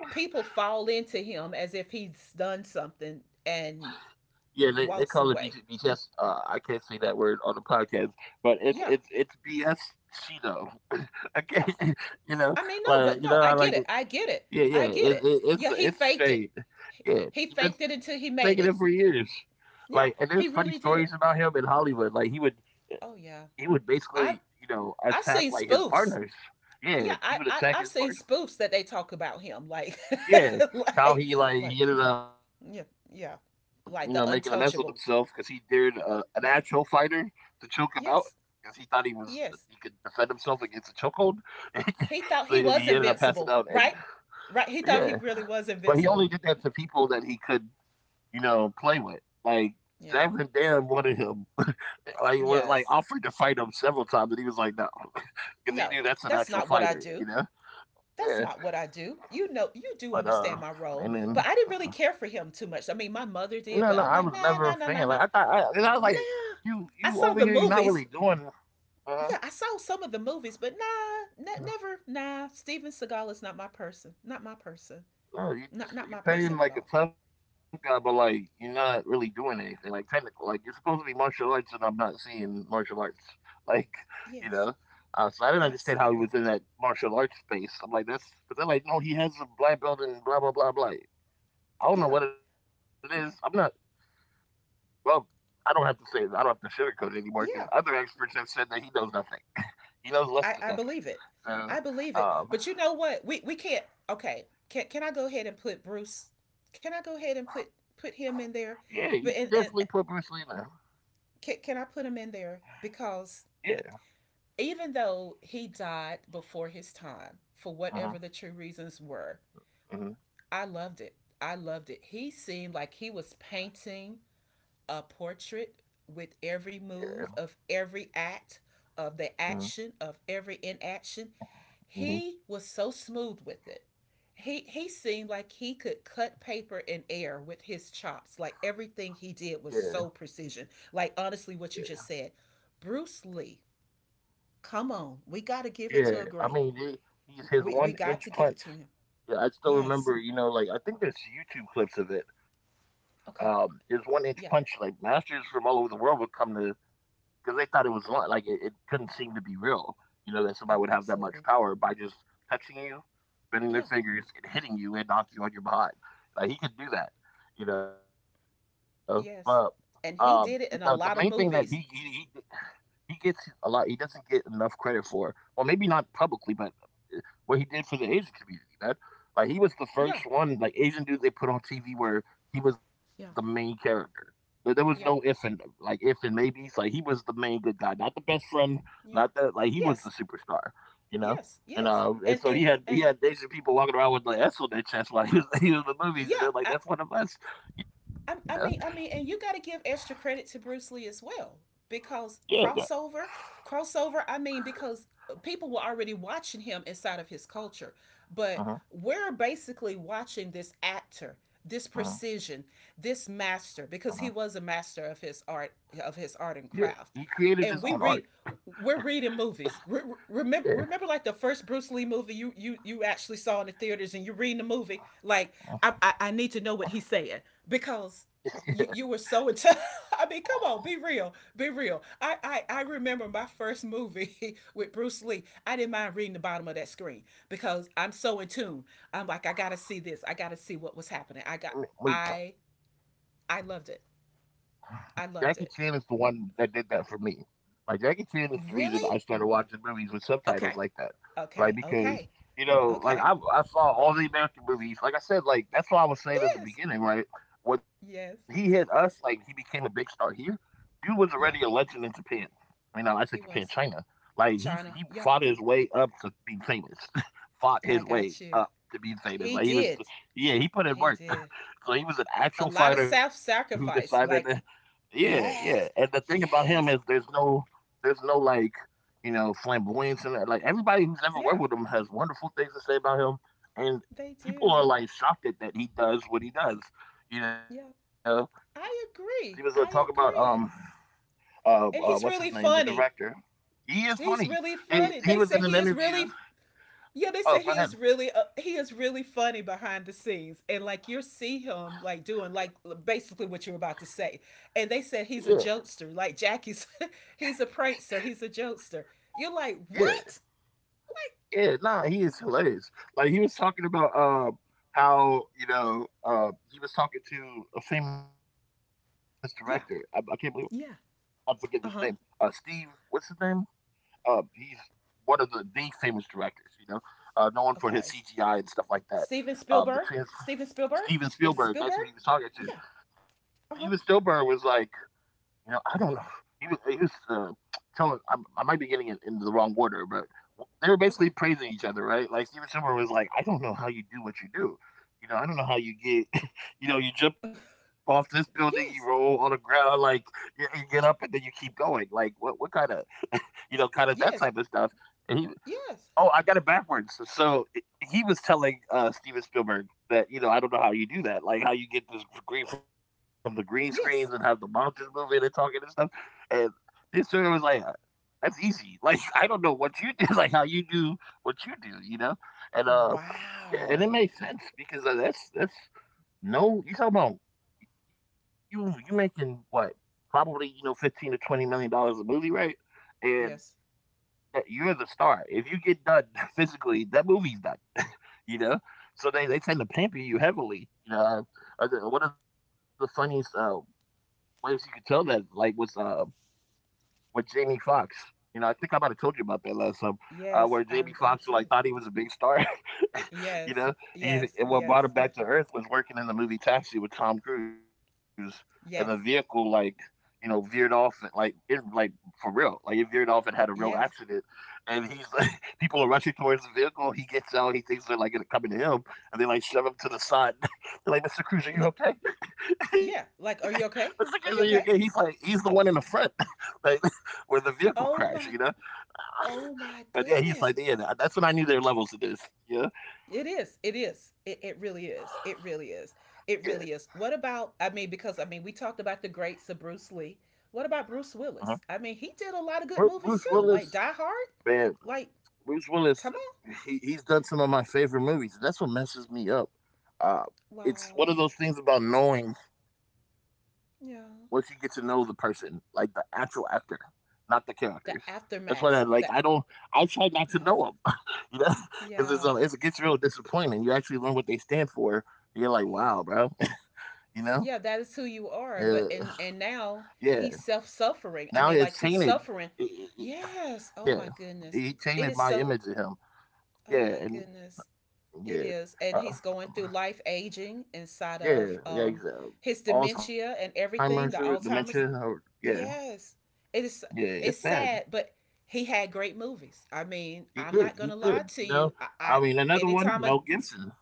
Speaker 1: People fall into him as if he's done something and
Speaker 2: Yeah, they call it BS,
Speaker 1: walks
Speaker 2: BS.
Speaker 1: away.
Speaker 2: I can't say that word on the podcast, but it's it's
Speaker 1: Yeah,
Speaker 2: it's BS. Cheeto. Okay,
Speaker 1: yeah.
Speaker 2: you know,
Speaker 1: I mean,
Speaker 2: like
Speaker 1: no,
Speaker 2: you know,
Speaker 1: but
Speaker 2: I
Speaker 1: no, I
Speaker 2: like,
Speaker 1: get it. I get it.
Speaker 2: yeah, yeah.
Speaker 1: I
Speaker 2: It,
Speaker 1: get it.
Speaker 2: it, it's
Speaker 1: Yeah, he
Speaker 2: it's
Speaker 1: faked it.
Speaker 2: straight. Yeah,
Speaker 1: He
Speaker 2: you've been
Speaker 1: faked it
Speaker 2: taking it
Speaker 1: until
Speaker 2: for
Speaker 1: he made
Speaker 2: years.
Speaker 1: it.
Speaker 2: Like, and there's
Speaker 1: Yeah,
Speaker 2: funny
Speaker 1: he
Speaker 2: stories
Speaker 1: really
Speaker 2: about him
Speaker 1: did.
Speaker 2: in Hollywood.
Speaker 1: Oh
Speaker 2: He
Speaker 1: yeah.
Speaker 2: would basically,
Speaker 1: I
Speaker 2: you know, attack
Speaker 1: I've
Speaker 2: like
Speaker 1: seen
Speaker 2: his partners.
Speaker 1: spoofs.
Speaker 2: Yeah,
Speaker 1: Yeah,
Speaker 2: he would
Speaker 1: I, I
Speaker 2: attack his
Speaker 1: I've
Speaker 2: partner.
Speaker 1: seen spoofs that they talk about him like
Speaker 2: Yeah, how
Speaker 1: like
Speaker 2: he, like,
Speaker 1: like
Speaker 2: he ended up, you know, making a
Speaker 1: yeah,
Speaker 2: mess of
Speaker 1: yeah.
Speaker 2: himself because he
Speaker 1: Like the
Speaker 2: dared an
Speaker 1: untouchable.
Speaker 2: actual fighter to choke him out because he thought he was
Speaker 1: Yes.
Speaker 2: he could defend himself
Speaker 1: Yes.
Speaker 2: against a chokehold. So he
Speaker 1: He
Speaker 2: ended up
Speaker 1: thought he
Speaker 2: passing
Speaker 1: was
Speaker 2: out, and
Speaker 1: invincible, right? Right.
Speaker 2: yeah,
Speaker 1: He thought he really was
Speaker 2: but he only did
Speaker 1: invincible.
Speaker 2: that to people that he could, you know, play with. Like
Speaker 1: Yeah.
Speaker 2: Jack Van Dam wanted him, like wa- like
Speaker 1: Yes.
Speaker 2: offered to fight him several times, and he was like no,
Speaker 1: No.
Speaker 2: because he knew that's
Speaker 1: That's
Speaker 2: an
Speaker 1: not what
Speaker 2: actual
Speaker 1: I do.
Speaker 2: fighter, you know.
Speaker 1: That's not what
Speaker 2: Yeah,
Speaker 1: I do. You know, you do understand my
Speaker 2: but
Speaker 1: role, but I
Speaker 2: and
Speaker 1: didn't really
Speaker 2: then.
Speaker 1: care for him too much. I mean, my mother did,
Speaker 2: No,
Speaker 1: but
Speaker 2: no,
Speaker 1: I'm
Speaker 2: I
Speaker 1: like,
Speaker 2: was
Speaker 1: nah,
Speaker 2: never a
Speaker 1: nah, nah, nah,
Speaker 2: fan.
Speaker 1: nah,
Speaker 2: Like I thought, I, and I was
Speaker 1: nah.
Speaker 2: like, you,
Speaker 1: I saw
Speaker 2: you
Speaker 1: the
Speaker 2: over here, you're not
Speaker 1: movies.
Speaker 2: really doing.
Speaker 1: Yeah, I
Speaker 2: Uh,
Speaker 1: saw some of the movies, but nah, never,
Speaker 2: no,
Speaker 1: nah. Steven Seagal is not my person. Not my person. Not
Speaker 2: no,
Speaker 1: my
Speaker 2: you
Speaker 1: person
Speaker 2: just,
Speaker 1: at
Speaker 2: you're
Speaker 1: all.
Speaker 2: paying like a tough guy, but like you're not really doing anything like technical. Like you're supposed to be martial arts, and I'm not seeing martial arts. Like,
Speaker 1: Yes,
Speaker 2: you know. So I didn't
Speaker 1: absolutely.
Speaker 2: understand how he was in that martial arts space. I'm like, that's, but they're like, no, he has a black belt and blah blah blah blah. Like,
Speaker 1: Yeah,
Speaker 2: I don't know what it is. I'm not. Well, I don't have to say it. I don't have to sugarcoat it
Speaker 1: yeah.
Speaker 2: anymore because other experts have said that he knows nothing. He
Speaker 1: I
Speaker 2: knows
Speaker 1: I
Speaker 2: less than
Speaker 1: believe it.
Speaker 2: nothing.
Speaker 1: I believe
Speaker 2: So,
Speaker 1: it. But you know what? We can't. Okay. Can I go ahead and put Bruce? Can I go ahead and put him in there?
Speaker 2: yeah,
Speaker 1: But
Speaker 2: you can
Speaker 1: and
Speaker 2: definitely put Bruce Lee in.
Speaker 1: can I put him in there? Because
Speaker 2: Yeah.
Speaker 1: even though he died before his time, for whatever
Speaker 2: Uh-huh.
Speaker 1: the true reasons were,
Speaker 2: Hmm.
Speaker 1: I loved it. I loved it. He seemed like he was painting a portrait with every
Speaker 2: Yeah.
Speaker 1: move of every act, of the
Speaker 2: Hmm.
Speaker 1: action, of every inaction.
Speaker 2: Hmm.
Speaker 1: He was so smooth with it. He seemed like he could cut paper in air with his chops. Like, everything he
Speaker 2: Yeah.
Speaker 1: did was so precision. Like, honestly,
Speaker 2: Yeah.
Speaker 1: what you just said. Bruce Lee, come on, we got to give it to
Speaker 2: Yeah.
Speaker 1: a
Speaker 2: I
Speaker 1: great.
Speaker 2: mean, he, he's his
Speaker 1: We
Speaker 2: one
Speaker 1: got
Speaker 2: inch
Speaker 1: to give it
Speaker 2: punch.
Speaker 1: to him.
Speaker 2: Yeah, I still
Speaker 1: Yes.
Speaker 2: remember. You know, like I think there's YouTube clips of it. His
Speaker 1: Okay.
Speaker 2: one inch punch. Like
Speaker 1: Yeah.
Speaker 2: masters from all over the world would come to because they thought it was li- like it couldn't seem to be real. You know that somebody would have that much
Speaker 1: Absolutely.
Speaker 2: power by just touching you, spinning their
Speaker 1: Yeah.
Speaker 2: fingers and hitting you and knock you on your behind. Like he could do that, you know. But
Speaker 1: Yes.
Speaker 2: the
Speaker 1: And
Speaker 2: main
Speaker 1: he
Speaker 2: thing
Speaker 1: did
Speaker 2: that
Speaker 1: it in a
Speaker 2: he he
Speaker 1: lot of
Speaker 2: he,
Speaker 1: movies.
Speaker 2: he gets a lot, he doesn't get enough credit for. Well, maybe not publicly, but what he did for the Asian community, man. Like he was the first
Speaker 1: Yeah,
Speaker 2: one, like Asian dude they put on TV where he was the main
Speaker 1: yeah,
Speaker 2: character. There was no if and
Speaker 1: yeah,
Speaker 2: like if and maybes. Like he was the main good guy, not the best friend, not
Speaker 1: yeah.
Speaker 2: the, like, he was the
Speaker 1: Yes,
Speaker 2: superstar, you know.
Speaker 1: yes, yes.
Speaker 2: And
Speaker 1: and
Speaker 2: so
Speaker 1: and
Speaker 2: he
Speaker 1: and
Speaker 2: had Asian people walking around with the S on their chest while he was he was in the movies. You
Speaker 1: yeah,
Speaker 2: know, like
Speaker 1: I,
Speaker 2: that's one of us, you know.
Speaker 1: I i mean i mean and you got to give extra credit to Bruce Lee as well.
Speaker 2: Yeah.
Speaker 1: Because
Speaker 2: Yeah.
Speaker 1: crossover. I mean, because people were already watching him inside of his culture.
Speaker 2: Uh
Speaker 1: But
Speaker 2: huh.
Speaker 1: we're basically watching this actor, this
Speaker 2: Uh huh.
Speaker 1: precision, this
Speaker 2: Uh huh.
Speaker 1: master, because he was a master of his art. Of his
Speaker 2: Yeah.
Speaker 1: art and
Speaker 2: He
Speaker 1: craft.
Speaker 2: created his own
Speaker 1: and
Speaker 2: art.
Speaker 1: we read we're reading movies. Re-
Speaker 2: Yeah.
Speaker 1: remember, remember, like the first Bruce Lee movie you actually saw in the theaters, and you're reading the movie. Like, I need to know what he's saying
Speaker 2: Yeah.
Speaker 1: because you were so into. I mean, come on, be real, be real. I remember my first movie with Bruce Lee. I didn't mind reading the bottom of that screen because I'm so in tune. I'm like, I gotta see this. I gotta see what was happening.
Speaker 2: Wait.
Speaker 1: I I loved it.
Speaker 2: Jackie
Speaker 1: I
Speaker 2: Chan is
Speaker 1: loved
Speaker 2: the
Speaker 1: it.
Speaker 2: one that did that for me. Like Jackie Chan is the reason I started
Speaker 1: Really?
Speaker 2: watching movies with subtitles like
Speaker 1: Okay.
Speaker 2: that. Like
Speaker 1: Okay.
Speaker 2: because,
Speaker 1: Okay.
Speaker 2: you know, like I
Speaker 1: Okay.
Speaker 2: I saw all the American movies. Like I said, like that's what I was saying in the
Speaker 1: Yes.
Speaker 2: beginning, right? When he hit
Speaker 1: Yes.
Speaker 2: us, like he became a big star here. Dude was already a legend
Speaker 1: Yeah.
Speaker 2: in Japan. I mean, no, I said Japan,
Speaker 1: He
Speaker 2: China.
Speaker 1: was.
Speaker 2: Like he
Speaker 1: China.
Speaker 2: fought
Speaker 1: Yeah.
Speaker 2: his way up to being famous. Fought his
Speaker 1: I
Speaker 2: way
Speaker 1: got
Speaker 2: up
Speaker 1: you.
Speaker 2: to being famous. Like
Speaker 1: He
Speaker 2: he was,
Speaker 1: did.
Speaker 2: yeah, he put in
Speaker 1: He
Speaker 2: work.
Speaker 1: did.
Speaker 2: So he was an
Speaker 1: A
Speaker 2: actual
Speaker 1: lot of
Speaker 2: fighter who
Speaker 1: self
Speaker 2: decided.
Speaker 1: sacrifice. Like,
Speaker 2: Yeah, yeah. And the thing
Speaker 1: yes.
Speaker 2: about him is there's
Speaker 1: Yes.
Speaker 2: no there's no, like, you know, flamboyance and that. Like everybody who's ever worked
Speaker 1: Yeah.
Speaker 2: with him has wonderful things to say about him. And
Speaker 1: They
Speaker 2: people are,
Speaker 1: do.
Speaker 2: like, shocked at that he does what he does. You know?
Speaker 1: Yeah.
Speaker 2: He was
Speaker 1: I
Speaker 2: gonna talk about
Speaker 1: agree. I agree.
Speaker 2: what's
Speaker 1: And
Speaker 2: his
Speaker 1: he's
Speaker 2: name? The
Speaker 1: really
Speaker 2: director.
Speaker 1: funny.
Speaker 2: He is funny.
Speaker 1: He's really
Speaker 2: He
Speaker 1: funny.
Speaker 2: was
Speaker 1: They
Speaker 2: in an
Speaker 1: say he is
Speaker 2: interview.
Speaker 1: really Yeah, they
Speaker 2: Oh,
Speaker 1: say
Speaker 2: go
Speaker 1: he
Speaker 2: ahead.
Speaker 1: is really, funny behind the scenes, and like you see him like doing like basically what you are about to say, and they
Speaker 2: Yeah,
Speaker 1: said he's a jokester, like Jackie's, he's a prankster, he's a jokester. You're like
Speaker 2: yeah.
Speaker 1: what? Like,
Speaker 2: Yeah, nah, he is hilarious. Like he was talking about how, you know, he was talking to a famous director. I can't believe
Speaker 1: yeah,
Speaker 2: I'm forgetting
Speaker 1: yeah,
Speaker 2: his name.
Speaker 1: uh huh,
Speaker 2: Steve, what's his name? He's one of the famous directors. You know, known for his
Speaker 1: okay.
Speaker 2: CGI and stuff like that.
Speaker 1: Steven Spielberg,
Speaker 2: The trans
Speaker 1: Steven Spielberg, is it
Speaker 2: Steven
Speaker 1: Spielberg?
Speaker 2: Spielberg. That's who he was
Speaker 1: Yeah,
Speaker 2: talking to.
Speaker 1: uh
Speaker 2: Steven
Speaker 1: huh,
Speaker 2: Spielberg was like, you know, I don't know. He was telling. I might be getting it into the wrong order, but
Speaker 1: okay.
Speaker 2: they were basically praising each other, right? Like Steven Spielberg was like, "I don't know how you do what you do. You know, I don't know how you get. You know, you jump off this building,
Speaker 1: Yes,
Speaker 2: you roll on the ground, like you get up, and then you keep going. Like what? What kind of, you know, kind of
Speaker 1: yes,
Speaker 2: that type of stuff." And he
Speaker 1: yes,
Speaker 2: Oh, I got it backwards. So I he was telling Steven Spielberg that, you know, I don't know how you do that, like how you get this green from the green screens and have
Speaker 1: yes.
Speaker 2: the monsters moving and talking and stuff. And this story was like, "That's easy." Like I don't know what you do, like how you do what you do, you know. And yeah, and
Speaker 1: Wow.
Speaker 2: it makes sense because that's no, you talking about you you making what probably, you know, $15 to $20 million a movie, right? And
Speaker 1: Yes,
Speaker 2: yeah, you're the star. If you get done physically, that movie's done, you know? So they tend to pamper you heavily. You know, I think one of the funniest ways you could tell that like was with Jamie Foxx. You know, I think I might have told you about that last time, where
Speaker 1: yes,
Speaker 2: Jamie
Speaker 1: I
Speaker 2: Foxx,
Speaker 1: I
Speaker 2: who like
Speaker 1: do.
Speaker 2: thought he was a big star, you
Speaker 1: Yes,
Speaker 2: know, he's,
Speaker 1: yes,
Speaker 2: and what brought
Speaker 1: yes,
Speaker 2: him back to earth was working in the movie Taxi with Tom Cruise, and the vehicle,
Speaker 1: yes,
Speaker 2: like, you know, veered off and, like it like for real, like it veered off and had a real
Speaker 1: yes.
Speaker 2: accident, and he's like, people are rushing towards the vehicle. He gets out, he thinks they're like gonna coming to him, and they like shove him to the side. They're like, "Mr. Cruise, are you
Speaker 1: Look,
Speaker 2: okay?"
Speaker 1: yeah. Like, are you
Speaker 2: Mr. Cruise, are
Speaker 1: okay?
Speaker 2: you okay?
Speaker 1: Are you
Speaker 2: He's like,
Speaker 1: okay?
Speaker 2: he's the one in the front. Like, where the vehicle crashed, you
Speaker 1: Oh
Speaker 2: know?
Speaker 1: my, oh
Speaker 2: But
Speaker 1: my
Speaker 2: yeah, he's like, yeah,
Speaker 1: goodness.
Speaker 2: nah, that's when I knew there were levels to this. Yeah.
Speaker 1: It is. It is. It really is. It really is. It really
Speaker 2: Yeah.
Speaker 1: is. What about? I mean, because, I mean, we talked about the greats of Bruce Lee. What about
Speaker 2: Uh-huh.
Speaker 1: Bruce Willis? I mean, he did a lot of good
Speaker 2: Bruce
Speaker 1: movies too,
Speaker 2: Willis,
Speaker 1: like Die Hard.
Speaker 2: man,
Speaker 1: Like,
Speaker 2: Bruce Willis,
Speaker 1: come on.
Speaker 2: he's done some of my favorite movies. That's what messes me up. Uh, it's
Speaker 1: Wow.
Speaker 2: one of those things about knowing once you get to know
Speaker 1: Yeah.
Speaker 2: the person, like the actual actor, not the characters. That's
Speaker 1: The
Speaker 2: why I like I don't
Speaker 1: aftermath. That.
Speaker 2: I try not to know them,
Speaker 1: Yeah.
Speaker 2: you know, because it
Speaker 1: Yeah.
Speaker 2: gets real disappointing. You actually learn what they stand for. And you're like, wow,
Speaker 1: Yeah.
Speaker 2: bro, you know,
Speaker 1: Yeah, that is who
Speaker 2: yeah.
Speaker 1: you are. But and
Speaker 2: Yeah.
Speaker 1: now he's self
Speaker 2: Now he has
Speaker 1: suffering. I mean,
Speaker 2: tainted.
Speaker 1: like he's suffering.
Speaker 2: Yeah,
Speaker 1: Yes. Oh my
Speaker 2: he
Speaker 1: goodness.
Speaker 2: tainted my
Speaker 1: It
Speaker 2: image
Speaker 1: is
Speaker 2: of
Speaker 1: so.
Speaker 2: him. Yeah,
Speaker 1: Oh
Speaker 2: and
Speaker 1: my goodness.
Speaker 2: yeah,
Speaker 1: It is.
Speaker 2: uh,
Speaker 1: And he's going through life aging inside
Speaker 2: yeah,
Speaker 1: of
Speaker 2: yeah.
Speaker 1: his dementia
Speaker 2: Alzheimer's
Speaker 1: and
Speaker 2: or dementia,
Speaker 1: everything, the
Speaker 2: or
Speaker 1: Alzheimer's.
Speaker 2: yeah,
Speaker 1: Yes.
Speaker 2: yeah.
Speaker 1: It is
Speaker 2: It's bad.
Speaker 1: it's sad, but he had great movies. I
Speaker 2: He
Speaker 1: mean, I'm
Speaker 2: did. He
Speaker 1: not gonna
Speaker 2: did.
Speaker 1: lie
Speaker 2: You
Speaker 1: to
Speaker 2: know.
Speaker 1: you.
Speaker 2: I
Speaker 1: I
Speaker 2: mean, another one,
Speaker 1: anytime a
Speaker 2: Mel Gibson.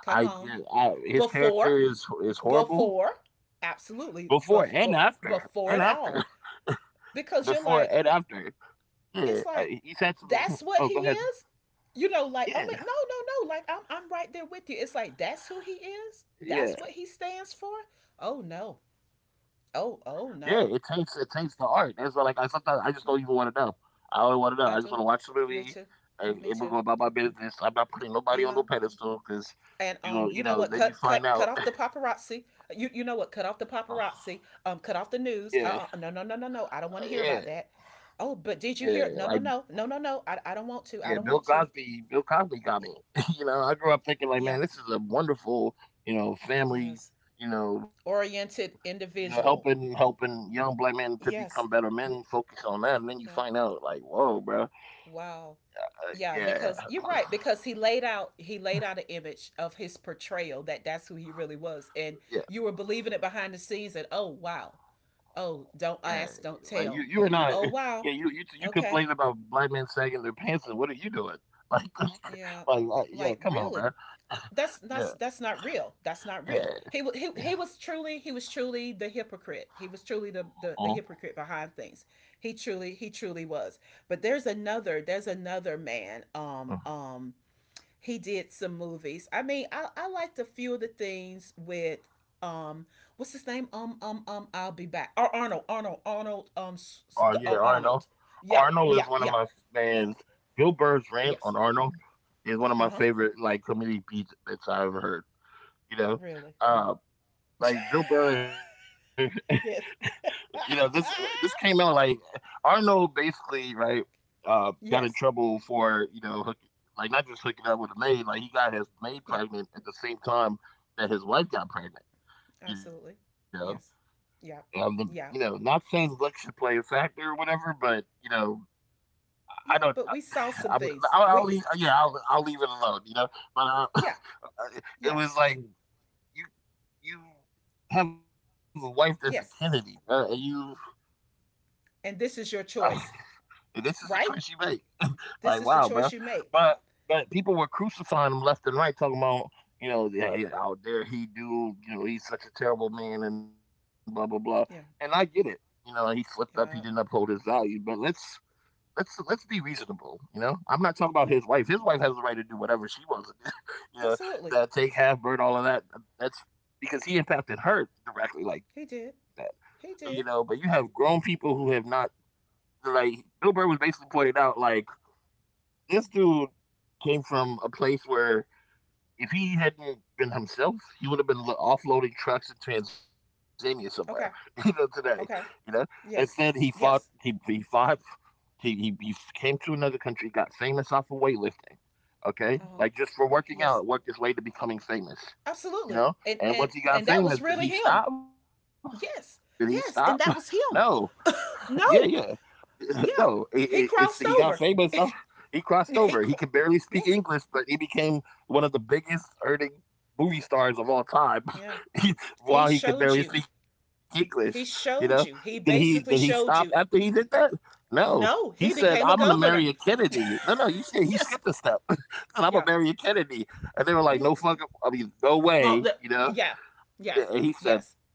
Speaker 1: Come
Speaker 2: I,
Speaker 1: on.
Speaker 2: get- I his character
Speaker 1: Before
Speaker 2: is horrible
Speaker 1: before,
Speaker 2: before and
Speaker 1: absolutely,
Speaker 2: after and after.
Speaker 1: before it all,
Speaker 2: Before and
Speaker 1: because you're like,
Speaker 2: after. Yeah, I,
Speaker 1: it's
Speaker 2: he's
Speaker 1: like,
Speaker 2: had some. Oh,
Speaker 1: that's
Speaker 2: go
Speaker 1: what
Speaker 2: ahead.
Speaker 1: he is. You know, like
Speaker 2: Yeah,
Speaker 1: I mean, no, no, no. Like, I'm right there with you. It's like that's who he is. That's
Speaker 2: yeah.
Speaker 1: what he stands for. Oh no.
Speaker 2: Yeah,
Speaker 1: Oh, oh
Speaker 2: it
Speaker 1: no.
Speaker 2: takes the art. That's why, like, I sometimes I just don't even want to
Speaker 1: Yeah,
Speaker 2: know. I only want to know. I just want to
Speaker 1: I
Speaker 2: watch the
Speaker 1: do.
Speaker 2: movie
Speaker 1: Me too.
Speaker 2: and we're going
Speaker 1: Me
Speaker 2: about
Speaker 1: too.
Speaker 2: my business. I'm not putting nobody on no
Speaker 1: You know,
Speaker 2: pedestal because,
Speaker 1: and
Speaker 2: you know, you
Speaker 1: you know
Speaker 2: know.
Speaker 1: what?
Speaker 2: Then you
Speaker 1: Cut,
Speaker 2: find
Speaker 1: cut, cut
Speaker 2: out.
Speaker 1: off the paparazzi. You know what? Cut off the paparazzi. Cut off the
Speaker 2: yeah,
Speaker 1: news. No, no, no, no, no. I don't
Speaker 2: yeah,
Speaker 1: want to hear about that. Oh, but did
Speaker 2: yeah.
Speaker 1: you hear
Speaker 2: Like,
Speaker 1: it? No, no, no, no, no, no. I don't want
Speaker 2: yeah,
Speaker 1: to. I
Speaker 2: Bill
Speaker 1: don't want to.
Speaker 2: Cosby. Bill Cosby got me.
Speaker 1: Yeah,
Speaker 2: I grew up thinking like,
Speaker 1: yeah,
Speaker 2: man, this is a wonderful, you know, family.
Speaker 1: yes.
Speaker 2: You know,
Speaker 1: Oriented
Speaker 2: helping
Speaker 1: individual.
Speaker 2: helping young black men to become better
Speaker 1: Yes,
Speaker 2: men. Focus on that, and then you find
Speaker 1: yeah.
Speaker 2: out like, whoa, bro.
Speaker 1: Wow. Yeah,
Speaker 2: yeah,
Speaker 1: because you're right. Because he laid out an image of his portrayal that that's who he really was, and
Speaker 2: yeah,
Speaker 1: you were believing it behind the scenes. And oh wow.
Speaker 2: yeah.
Speaker 1: Oh, don't
Speaker 2: You,
Speaker 1: ask, don't
Speaker 2: you are
Speaker 1: tell.
Speaker 2: not. Yeah,
Speaker 1: Oh wow.
Speaker 2: you complain
Speaker 1: Okay.
Speaker 2: about black men sagging their pants, and what are you doing? Like,
Speaker 1: Yeah.
Speaker 2: yeah.
Speaker 1: Like,
Speaker 2: Come on,
Speaker 1: really?
Speaker 2: bro.
Speaker 1: That's that's
Speaker 2: Yeah,
Speaker 1: that's not real. That's not real.
Speaker 2: yeah,
Speaker 1: He
Speaker 2: yeah.
Speaker 1: was truly the hypocrite. He was truly the,
Speaker 2: Uh
Speaker 1: the the hypocrite behind things. He truly was. But there's another man.
Speaker 2: huh.
Speaker 1: He did some movies. I mean, I liked a few of the things with um what's his name? I'll be back. Or Arnold, Arnold, Arnold,
Speaker 2: Oh yeah,
Speaker 1: the
Speaker 2: Arnold.
Speaker 1: Arnold.
Speaker 2: Arnold
Speaker 1: Yeah,
Speaker 2: is one of
Speaker 1: yeah,
Speaker 2: my
Speaker 1: yeah.
Speaker 2: fans. Bill Burr's rant on
Speaker 1: Yes.
Speaker 2: Arnold is one of my
Speaker 1: Uh-huh.
Speaker 2: favorite like comedy beats bits I ever heard. You know,
Speaker 1: Really.
Speaker 2: uh, like Bill Burr,
Speaker 1: yes.
Speaker 2: you know, this came out like Arnold basically, right? Got in trouble
Speaker 1: yes.
Speaker 2: for, you know, like not just hooking up with a maid. Like he got his maid
Speaker 1: Yeah,
Speaker 2: pregnant at the same time that his wife got pregnant, you know.
Speaker 1: absolutely. Yes.
Speaker 2: um the,
Speaker 1: Yeah.
Speaker 2: you know, not
Speaker 1: Yeah.
Speaker 2: saying luck should play a factor or whatever, but you know, I don't I,
Speaker 1: Yeah, but we saw some things.
Speaker 2: I'll leave,
Speaker 1: We
Speaker 2: yeah, I'll leave it alone, you know. But uh,
Speaker 1: yeah,
Speaker 2: it
Speaker 1: yeah.
Speaker 2: was like you you have a wife that's a Kennedy,
Speaker 1: Yes.
Speaker 2: and you
Speaker 1: And this is your choice,
Speaker 2: and this is the choice you
Speaker 1: right?
Speaker 2: make. Like,
Speaker 1: This
Speaker 2: wow,
Speaker 1: is the
Speaker 2: bro.
Speaker 1: choice you made.
Speaker 2: But but people were crucifying him left and right, talking about, you know, "Yeah, yeah, how dare he do, you know, he's such a terrible man and blah blah blah." And I get
Speaker 1: Yeah.
Speaker 2: it. You know, he slipped up, he didn't uphold
Speaker 1: Yeah.
Speaker 2: his value. But let's be reasonable, you know. I'm not talking about his
Speaker 1: Yeah.
Speaker 2: wife. His wife has the right to do whatever she wants to do, you know,
Speaker 1: Absolutely.
Speaker 2: to take half bird, all of that. That's because he impacted her directly like that.
Speaker 1: He did.
Speaker 2: You know, but
Speaker 1: He
Speaker 2: you
Speaker 1: did.
Speaker 2: have grown people who have not, like Bill Burr was basically pointing out, like this dude came from a place where if he hadn't been himself, he would have been offloading trucks in Tanzania somewhere, you know,
Speaker 1: Okay.
Speaker 2: today, you know.
Speaker 1: Okay.
Speaker 2: Instead, he
Speaker 1: Yes.
Speaker 2: fought. He
Speaker 1: Yes.
Speaker 2: he fought. He came to another country, got famous off of weightlifting. Okay, like
Speaker 1: Uh-huh.
Speaker 2: just for working out,
Speaker 1: Yes.
Speaker 2: worked his way to becoming famous, you
Speaker 1: Absolutely.
Speaker 2: know.
Speaker 1: And
Speaker 2: And
Speaker 1: and
Speaker 2: once he got
Speaker 1: and that was
Speaker 2: famous, did
Speaker 1: really
Speaker 2: he
Speaker 1: him.
Speaker 2: stop? Did he
Speaker 1: Yes.
Speaker 2: stop?
Speaker 1: Yes, and that
Speaker 2: No,
Speaker 1: was him.
Speaker 2: yeah, yeah.
Speaker 1: No.
Speaker 2: No,
Speaker 1: Yeah.
Speaker 2: I it's
Speaker 1: He
Speaker 2: he got
Speaker 1: crossed
Speaker 2: famous.
Speaker 1: over.
Speaker 2: Oh, he crossed over. He could
Speaker 1: He crossed.
Speaker 2: barely speak English,
Speaker 1: Yes.
Speaker 2: but he became one of the biggest earning movie stars of all time.
Speaker 1: Yeah.
Speaker 2: He,
Speaker 1: He
Speaker 2: while he could
Speaker 1: showed
Speaker 2: barely
Speaker 1: you.
Speaker 2: speak English, you
Speaker 1: He
Speaker 2: know, did
Speaker 1: showed you. He
Speaker 2: he
Speaker 1: basically
Speaker 2: stop after
Speaker 1: showed
Speaker 2: he
Speaker 1: you.
Speaker 2: did that? No. He
Speaker 1: No,
Speaker 2: said,
Speaker 1: he
Speaker 2: "I'm gonna
Speaker 1: became a
Speaker 2: marry a
Speaker 1: governor.
Speaker 2: Kennedy." No, no, you said he skipped a
Speaker 1: Yes.
Speaker 2: step, and I'm gonna
Speaker 1: Yeah.
Speaker 2: marry a Kennedy. And they were like,
Speaker 1: Yeah.
Speaker 2: "No fucking, I mean, no
Speaker 1: Well,
Speaker 2: way," you know.
Speaker 1: yeah.
Speaker 2: Yeah,
Speaker 1: Yes.
Speaker 2: and he said,
Speaker 1: Yes.
Speaker 2: "Nope."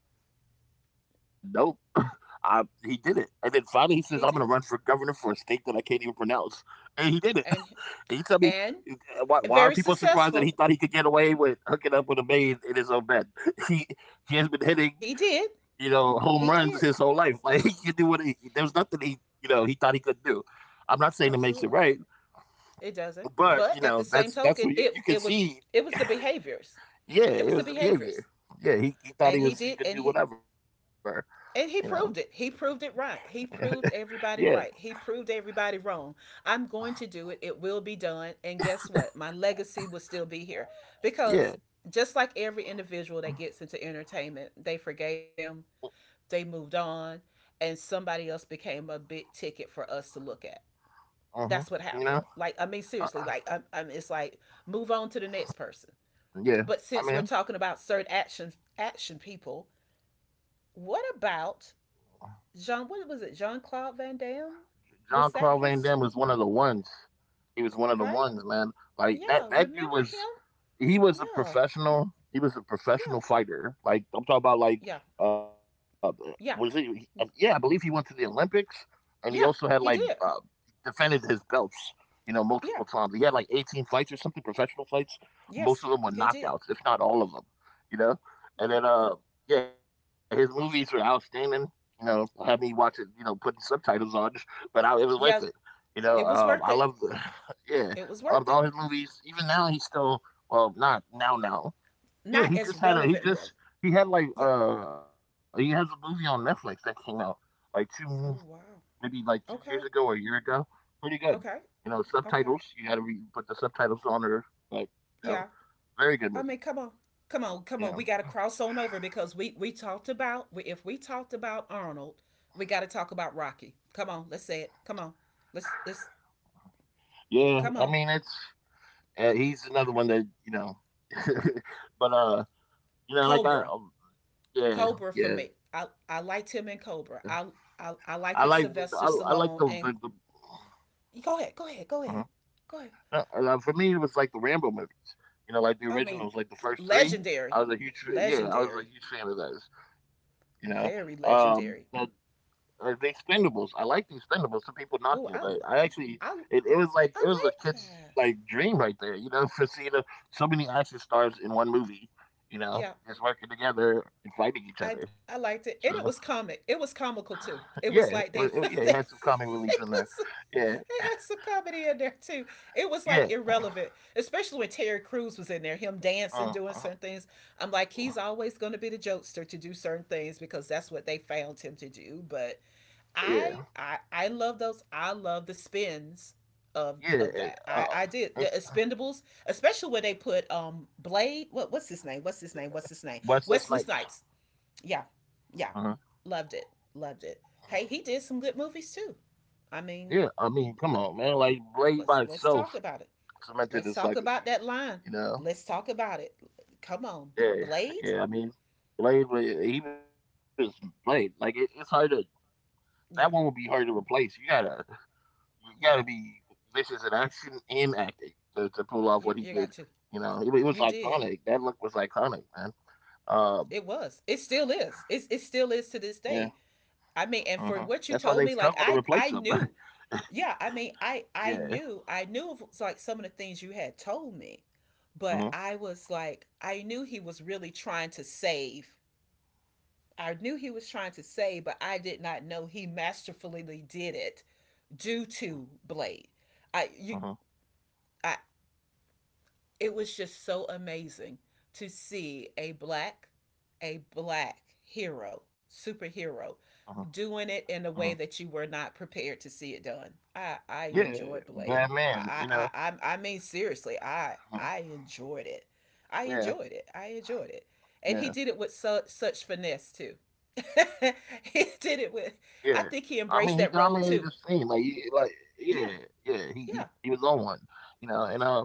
Speaker 2: I, he did it. And then finally he says, I'm gonna run for governor for a
Speaker 1: He
Speaker 2: state that I
Speaker 1: did.
Speaker 2: can't even pronounce. And he did it. And you tell me,
Speaker 1: And
Speaker 2: uh,
Speaker 1: and
Speaker 2: why are people surprised
Speaker 1: very
Speaker 2: that he thought he could get
Speaker 1: successful.
Speaker 2: away with hooking up with a maid in his own bed? He he has been hitting,
Speaker 1: He
Speaker 2: you
Speaker 1: did.
Speaker 2: know, home runs his
Speaker 1: He
Speaker 2: whole
Speaker 1: did.
Speaker 2: life. Like he could do what, he, there was nothing he, you know, he thought he could do. I'm not saying it makes it right,
Speaker 1: Absolutely. It doesn't.
Speaker 2: but you know,
Speaker 1: But at the
Speaker 2: that's
Speaker 1: same
Speaker 2: where you,
Speaker 1: token,
Speaker 2: you can
Speaker 1: it it was
Speaker 2: see,
Speaker 1: it was the behaviors.
Speaker 2: yeah,
Speaker 1: It
Speaker 2: it
Speaker 1: was
Speaker 2: was
Speaker 1: the
Speaker 2: the
Speaker 1: behaviors.
Speaker 2: behavior. Yeah, he thought
Speaker 1: And
Speaker 2: he
Speaker 1: he
Speaker 2: was, he
Speaker 1: did,
Speaker 2: could do whatever, you know.
Speaker 1: and he proved it. He proved it right. He proved
Speaker 2: Yeah,
Speaker 1: everybody right. He proved everybody wrong. I'm going to do it. It will be done. And guess what? My legacy will still be here.
Speaker 2: yeah.
Speaker 1: Because just like every individual that gets into entertainment, they forgave them, they moved on, and somebody else became a big ticket for us to look at.
Speaker 2: Hmm.
Speaker 1: That's what
Speaker 2: You know,
Speaker 1: happened. Like, I mean,
Speaker 2: uh,
Speaker 1: seriously, like, it's like move on to the next person.
Speaker 2: yeah.
Speaker 1: But since
Speaker 2: I
Speaker 1: we're
Speaker 2: mean,
Speaker 1: talking about certain action people, what about Jean? What was it? Jean Claude Van Damme?
Speaker 2: John
Speaker 1: Was
Speaker 2: Claude
Speaker 1: that
Speaker 2: Van Damme
Speaker 1: his,
Speaker 2: was one of the ones. He was one of the
Speaker 1: right?
Speaker 2: ones, man. Like that,
Speaker 1: Yeah,
Speaker 2: that dude
Speaker 1: remember
Speaker 2: was,
Speaker 1: him?
Speaker 2: he was a
Speaker 1: Yeah,
Speaker 2: professional. He was a
Speaker 1: yeah,
Speaker 2: professional fighter. Like I'm talking about like,
Speaker 1: yeah,
Speaker 2: uh was he
Speaker 1: yeah,
Speaker 2: yeah, I believe he went to the Olympics, and he also had like
Speaker 1: yeah.
Speaker 2: uh
Speaker 1: He did.
Speaker 2: defended his belts, you know, multiple times.
Speaker 1: Yeah,
Speaker 2: He had like 18 fights or something, professional fights. Most of them
Speaker 1: yes,
Speaker 2: were
Speaker 1: he
Speaker 2: knockouts,
Speaker 1: did.
Speaker 2: if not all of them, you know. And
Speaker 1: Yeah,
Speaker 2: then yeah, his movies were outstanding. You know, had me watching, you know, putting subtitles on, but I, it was worth it.
Speaker 1: yeah.
Speaker 2: You know,
Speaker 1: It
Speaker 2: I
Speaker 1: was
Speaker 2: love.
Speaker 1: worth it.
Speaker 2: Yeah,
Speaker 1: It was
Speaker 2: all
Speaker 1: worth
Speaker 2: his
Speaker 1: it.
Speaker 2: movies. Even now, he's still, well, not now, now. Yeah,
Speaker 1: Not
Speaker 2: he
Speaker 1: as
Speaker 2: just had a, he
Speaker 1: relevant, really.
Speaker 2: just, he had like
Speaker 1: Yeah.
Speaker 2: he has a movie on Netflix that came out like two,
Speaker 1: Oh
Speaker 2: maybe
Speaker 1: wow.
Speaker 2: like 2 years ago or
Speaker 1: Okay.
Speaker 2: a year ago. Pretty good.
Speaker 1: Okay.
Speaker 2: You know, subtitles.
Speaker 1: Okay.
Speaker 2: You had to put the subtitles on, or like, you know,
Speaker 1: Yeah.
Speaker 2: very good
Speaker 1: I
Speaker 2: movie.
Speaker 1: mean, come on, come on, come
Speaker 2: You
Speaker 1: on.
Speaker 2: know,
Speaker 1: We got to cross on over because we talked about, if we talked about Arnold, we got to talk about Rocky. Come on, let's say it. Come on, let's
Speaker 2: yeah. I
Speaker 1: come
Speaker 2: mean,
Speaker 1: on.
Speaker 2: it's, he's another one that, you know, but you know, like I
Speaker 1: Cobra,
Speaker 2: yeah,
Speaker 1: Cobra for
Speaker 2: yeah.
Speaker 1: me. I liked him
Speaker 2: I
Speaker 1: in
Speaker 2: like,
Speaker 1: Cobra. I
Speaker 2: I like
Speaker 1: I I liked it,
Speaker 2: the,
Speaker 1: Sylvester Stallone, and go ahead, go ahead,
Speaker 2: mm-hmm.
Speaker 1: go ahead, go ahead.
Speaker 2: No, for me, it was like the Rambo movies. You know, like the
Speaker 1: I mean,
Speaker 2: originals, like the first three.
Speaker 1: legendary,
Speaker 2: I was a huge, yeah,
Speaker 1: legendary,
Speaker 2: I was a huge fan of those. You know,
Speaker 1: very
Speaker 2: um,
Speaker 1: legendary.
Speaker 2: the, the Expendables. I like the Expendables. Some people
Speaker 1: Oh,
Speaker 2: knock it, but I
Speaker 1: I
Speaker 2: actually, it was like
Speaker 1: I
Speaker 2: it was a
Speaker 1: like that.
Speaker 2: kid's like dream right there. You know, for seeing so many action stars in one movie. You
Speaker 1: Yeah,
Speaker 2: know, just working together and fighting each
Speaker 1: I
Speaker 2: other.
Speaker 1: I
Speaker 2: So
Speaker 1: liked it, and it was comic. It was comical
Speaker 2: yeah,
Speaker 1: too. It
Speaker 2: it
Speaker 1: was
Speaker 2: was, yeah,
Speaker 1: like
Speaker 2: it
Speaker 1: they
Speaker 2: had
Speaker 1: they
Speaker 2: some comic relief in there.
Speaker 1: they put some,
Speaker 2: Yeah,
Speaker 1: they had some comedy in there too. It
Speaker 2: yeah,
Speaker 1: was like irrelevant, especially when Terry Crews was in there, him dancing,
Speaker 2: uh,
Speaker 1: doing
Speaker 2: uh,
Speaker 1: certain things. I'm like, he's always going to be the jokester to do certain things because that's what they found him to do. But
Speaker 2: yeah,
Speaker 1: I love those. I love the spins of
Speaker 2: yeah. And,
Speaker 1: of that. I did the Expendables, especially when they put Blade. What's his name? What's his name? What's his name?
Speaker 2: Wesley
Speaker 1: Wesley
Speaker 2: Snipes.
Speaker 1: Snipes, yeah,
Speaker 2: Uh-huh.
Speaker 1: yeah, loved it, loved it. Hey, he did some good movies too. I
Speaker 2: Yeah, I
Speaker 1: mean,
Speaker 2: mean, come on,
Speaker 1: let,
Speaker 2: man. Like Blade by
Speaker 1: let's
Speaker 2: itself
Speaker 1: talk about it.
Speaker 2: cemented
Speaker 1: Let's
Speaker 2: his
Speaker 1: talk
Speaker 2: legacy.
Speaker 1: about that line.
Speaker 2: You know?
Speaker 1: Let's talk about it. Come on,
Speaker 2: Yeah,
Speaker 1: Blade.
Speaker 2: yeah. I mean, Blade, he was Blade. Like it's hard to, that one would be
Speaker 1: Yeah,
Speaker 2: hard to replace. You gotta
Speaker 1: yeah.
Speaker 2: be vicious in action and acting to pull off what
Speaker 1: You
Speaker 2: he
Speaker 1: you
Speaker 2: did.
Speaker 1: got to.
Speaker 2: You know, it was
Speaker 1: You did.
Speaker 2: iconic. That look was iconic, man. Uh,
Speaker 1: It was. It still is. It still
Speaker 2: yeah.
Speaker 1: is to this day.
Speaker 2: Uh-huh.
Speaker 1: I mean, and
Speaker 2: That's why
Speaker 1: for
Speaker 2: they've
Speaker 1: what you
Speaker 2: struggled to
Speaker 1: told me, like,
Speaker 2: replace him.
Speaker 1: I knew. Yeah, I mean, I
Speaker 2: Yeah.
Speaker 1: I knew I knew of, so, like, some of the things you had told me, but
Speaker 2: Uh-huh.
Speaker 1: I was like, I knew he was really trying to save. I knew he was trying to save, but I did not know he masterfully did it due to Blade. I
Speaker 2: Uh-huh.
Speaker 1: you I It was just so amazing to see a black hero
Speaker 2: Uh-huh.
Speaker 1: superhero doing it
Speaker 2: Uh-huh.
Speaker 1: in a way that you were not prepared to see it done. I
Speaker 2: Yeah,
Speaker 1: enjoyed Blade.
Speaker 2: Batman. You know.
Speaker 1: I mean, seriously, i
Speaker 2: Mhm.
Speaker 1: i enjoyed it. I
Speaker 2: Yeah,
Speaker 1: enjoyed it. I enjoyed it. And he
Speaker 2: yeah,
Speaker 1: did it with such finesse too.
Speaker 2: yeah. I
Speaker 1: he
Speaker 2: mean, he
Speaker 1: did it with
Speaker 2: dominated the
Speaker 1: I think
Speaker 2: scene. Like,
Speaker 1: he embraced that role too.
Speaker 2: yeah, yeah.
Speaker 1: Yeah,
Speaker 2: He was on one,
Speaker 1: yeah,
Speaker 2: you know. And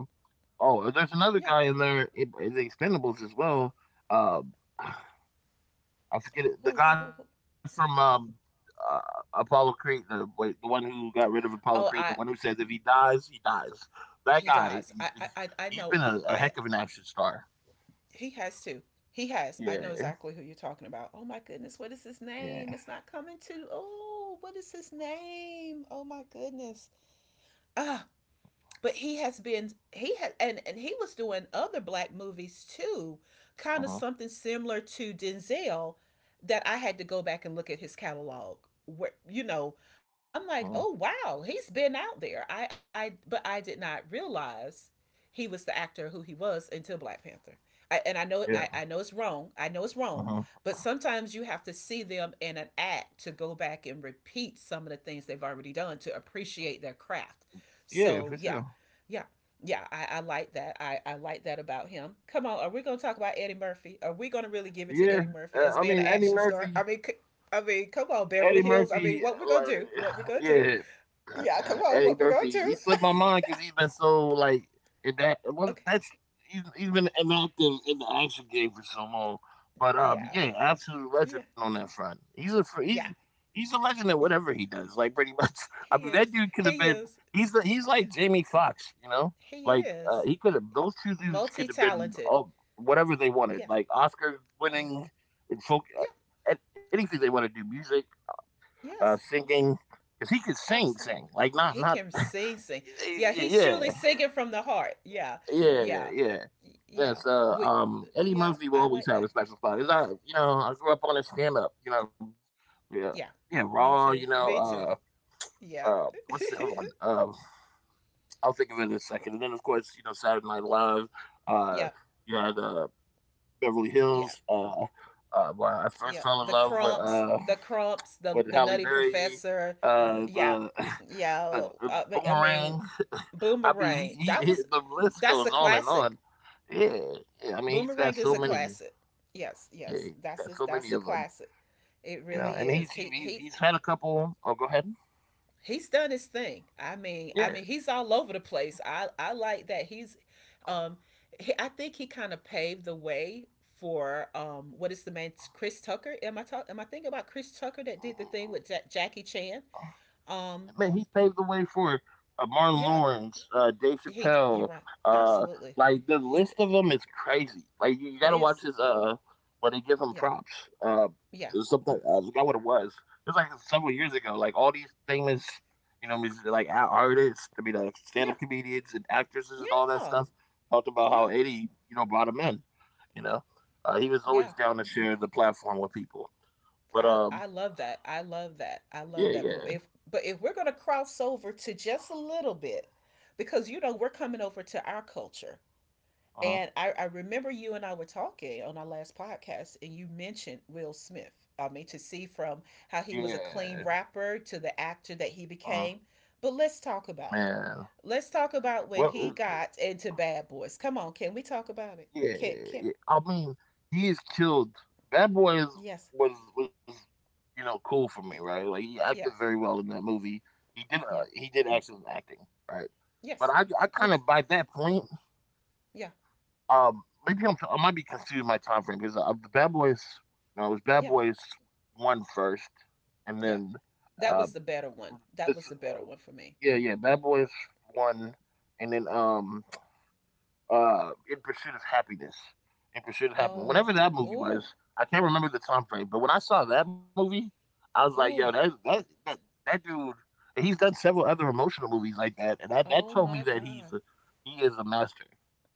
Speaker 2: oh, there's another guy in
Speaker 1: yeah.
Speaker 2: there in the Expendables as well. Um, I forget it. The guy
Speaker 1: oh
Speaker 2: from uh, Apollo Creed, the, wait, the one who got rid of Apollo Creed, the one who
Speaker 1: I
Speaker 2: says if he dies, he dies. That guy,
Speaker 1: He does. I I I-
Speaker 2: he's
Speaker 1: I
Speaker 2: been
Speaker 1: know.
Speaker 2: a heck of
Speaker 1: I
Speaker 2: an action star.
Speaker 1: He has to. He has. I know
Speaker 2: Yeah,
Speaker 1: exactly who you're talking about. Oh my goodness, what is
Speaker 2: yeah.
Speaker 1: his name? It's not coming to. Oh, what is his name? Oh my goodness. Ah, uh, but he has been he had and he was doing other black movies too, kind
Speaker 2: Uh
Speaker 1: of
Speaker 2: huh.
Speaker 1: something similar to Denzel, that I had to go back and look at his catalog where, you know, I'm like,
Speaker 2: Uh-huh. Uh-huh.
Speaker 1: oh wow, he's been out there. I But I did not realize he was the actor who he was until Black Panther. I, and i know
Speaker 2: Yeah.
Speaker 1: I, I know it's wrong. I know it's
Speaker 2: Uh
Speaker 1: wrong,
Speaker 2: huh.
Speaker 1: but sometimes you have to see them in an act to go back and repeat some of the things they've already done to appreciate their craft,
Speaker 2: Yeah,
Speaker 1: so
Speaker 2: for
Speaker 1: yeah,
Speaker 2: sure.
Speaker 1: yeah. Yeah, I like that. I like that about him. Come on, are we gonna talk about Eddie Murphy? Are we gonna really give it to
Speaker 2: Yeah,
Speaker 1: Eddie Murphy as
Speaker 2: I
Speaker 1: being an
Speaker 2: mean Eddie
Speaker 1: action star? I
Speaker 2: Murphy.
Speaker 1: mean, I mean, come on,
Speaker 2: Eddie
Speaker 1: Beverly Hills.
Speaker 2: Murphy,
Speaker 1: I mean, what we gonna
Speaker 2: like,
Speaker 1: do? What we gonna
Speaker 2: yeah,
Speaker 1: do? Yeah, come
Speaker 2: Eddie
Speaker 1: on, what we gonna
Speaker 2: Murphy, he
Speaker 1: do?
Speaker 2: slipped my mind because he's been so like in that. Well,
Speaker 1: Okay,
Speaker 2: that's, he's been inactive in the action game for so long. But
Speaker 1: yeah,
Speaker 2: yeah, absolute legend
Speaker 1: yeah,
Speaker 2: on that front. He's a he's
Speaker 1: yeah,
Speaker 2: he's a legend at
Speaker 1: yeah.
Speaker 2: whatever he does. Like pretty much, I
Speaker 1: He
Speaker 2: mean that
Speaker 1: is.
Speaker 2: dude could have
Speaker 1: He
Speaker 2: been.
Speaker 1: is.
Speaker 2: He's the, he's
Speaker 1: Yeah,
Speaker 2: like Jamie Foxx, you know.
Speaker 1: he
Speaker 2: Like
Speaker 1: is
Speaker 2: he could have, those two dudes could have been
Speaker 1: multi-talented.
Speaker 2: up whatever they wanted,
Speaker 1: Yes.
Speaker 2: like Oscar
Speaker 1: Yeah.
Speaker 2: winning and folk, uh,
Speaker 1: Yeah.
Speaker 2: and anything they want to do, music,
Speaker 1: Yes.
Speaker 2: singing, because he could sing,
Speaker 1: Absolutely.
Speaker 2: sing, like not
Speaker 1: He
Speaker 2: not.
Speaker 1: can sing, sing. Yeah, he's truly
Speaker 2: Yeah,
Speaker 1: singing from the heart. Yeah,
Speaker 2: yeah,
Speaker 1: yeah,
Speaker 2: yeah.
Speaker 1: yeah.
Speaker 2: Yes,
Speaker 1: We,
Speaker 2: Eddie
Speaker 1: yeah,
Speaker 2: Murphy will
Speaker 1: I
Speaker 2: always
Speaker 1: like that.
Speaker 2: have a special spot. It's not, you know, I grew up on his stand up, you know, yeah,
Speaker 1: Yeah,
Speaker 2: yeah,
Speaker 1: me
Speaker 2: raw,
Speaker 1: too.
Speaker 2: you
Speaker 1: Me
Speaker 2: know,
Speaker 1: too. Yeah.
Speaker 2: what's the other one? I'll think of it in a second. And then, of course, you know, Saturday Night Live, uh,
Speaker 1: Yeah,
Speaker 2: you had Beverly
Speaker 1: yeah,
Speaker 2: Hills, where I first
Speaker 1: yeah.
Speaker 2: fell in
Speaker 1: The
Speaker 2: love with.
Speaker 1: Crumps, the Crumps, the
Speaker 2: With
Speaker 1: the
Speaker 2: Halle
Speaker 1: Nutty
Speaker 2: Berry,
Speaker 1: Professor. Yeah,
Speaker 2: the the
Speaker 1: yeah.
Speaker 2: Boomerang. I mean,
Speaker 1: Boomerang.
Speaker 2: he, the list
Speaker 1: That's a
Speaker 2: goes on and
Speaker 1: classic.
Speaker 2: on. Yeah, yeah. I mean, he's got
Speaker 1: Boomerang is
Speaker 2: so
Speaker 1: a
Speaker 2: many.
Speaker 1: classic. Yes,
Speaker 2: Yeah,
Speaker 1: yes,
Speaker 2: he's got so
Speaker 1: that's
Speaker 2: many
Speaker 1: a
Speaker 2: of them.
Speaker 1: classic. It
Speaker 2: You know,
Speaker 1: really
Speaker 2: and
Speaker 1: is. He he
Speaker 2: he's had a couple. Oh, go ahead.
Speaker 1: he's done his thing. I mean, I
Speaker 2: Yeah.
Speaker 1: mean, he's all over the place. I like that he's, um, I think he kind of paved the way for, what is the man Chris Tucker? Am I talk? Am I thinking about Chris Tucker that did the thing with Jackie Chan? Um,
Speaker 2: Man, he's paved the way for Martin
Speaker 1: yeah,
Speaker 2: Lawrence, Dave
Speaker 1: he. You're
Speaker 2: Chappelle.
Speaker 1: right.
Speaker 2: Uh,
Speaker 1: Absolutely,
Speaker 2: like the
Speaker 1: he
Speaker 2: list
Speaker 1: did.
Speaker 2: of them is crazy. Like you
Speaker 1: It
Speaker 2: gotta watch
Speaker 1: is.
Speaker 2: his when they give him
Speaker 1: Yeah,
Speaker 2: props. Uh,
Speaker 1: yeah,
Speaker 2: there's something, I forgot what it was. It was like several years ago. Like all these famous, you know, music, like artists. I mean, like
Speaker 1: yeah,
Speaker 2: stand-up comedians and actresses and all that
Speaker 1: yeah,
Speaker 2: stuff. Talked about how
Speaker 1: yeah,
Speaker 2: Eddie, you know, brought him in. You know, he was always
Speaker 1: yeah.
Speaker 2: down to share the platform with people. But
Speaker 1: I I love that. I love that. I love
Speaker 2: yeah,
Speaker 1: that. But
Speaker 2: yeah,
Speaker 1: if but if we're going to cross over to just a little bit because, you know, we're coming over to our culture.
Speaker 2: uh-huh.
Speaker 1: And I remember you and I were talking on our last podcast, and you mentioned Will Smith. I mean, to see from how he
Speaker 2: Yeah.
Speaker 1: was a clean rapper to the actor that
Speaker 2: Uh-huh.
Speaker 1: he became. But let's talk about
Speaker 2: Man.
Speaker 1: it. Let's talk about
Speaker 2: Well,
Speaker 1: when he got into Bad Boys. Come on, can we talk about it?
Speaker 2: yeah,
Speaker 1: Can
Speaker 2: yeah. I mean, he is killed. Bad Boys
Speaker 1: Yes,
Speaker 2: was, you know, cool for me, right? Like he acted
Speaker 1: yes,
Speaker 2: very well in that movie. He did,
Speaker 1: yeah,
Speaker 2: he did excellent acting, right?
Speaker 1: yes,
Speaker 2: But I kind
Speaker 1: yes,
Speaker 2: of by that point,
Speaker 1: yeah,
Speaker 2: um, maybe I might be confusing my time frame because the Bad Boys, no, it was Bad
Speaker 1: yeah.
Speaker 2: Boys one first, and then
Speaker 1: Yeah,
Speaker 2: uh
Speaker 1: that was the better one.
Speaker 2: this
Speaker 1: That was the better one for me.
Speaker 2: yeah, yeah, Bad Boys one, and then In Pursuit of Happiness. In Pursuit of Happiness.
Speaker 1: Oh,
Speaker 2: Whenever that movie was,
Speaker 1: oh,
Speaker 2: I can't remember the time frame, but when I saw that movie, I was like, yo,
Speaker 1: oh,
Speaker 2: that dude. And he's done several other emotional movies like that, and that
Speaker 1: oh
Speaker 2: told me
Speaker 1: my
Speaker 2: that he's
Speaker 1: God.
Speaker 2: a he is a master.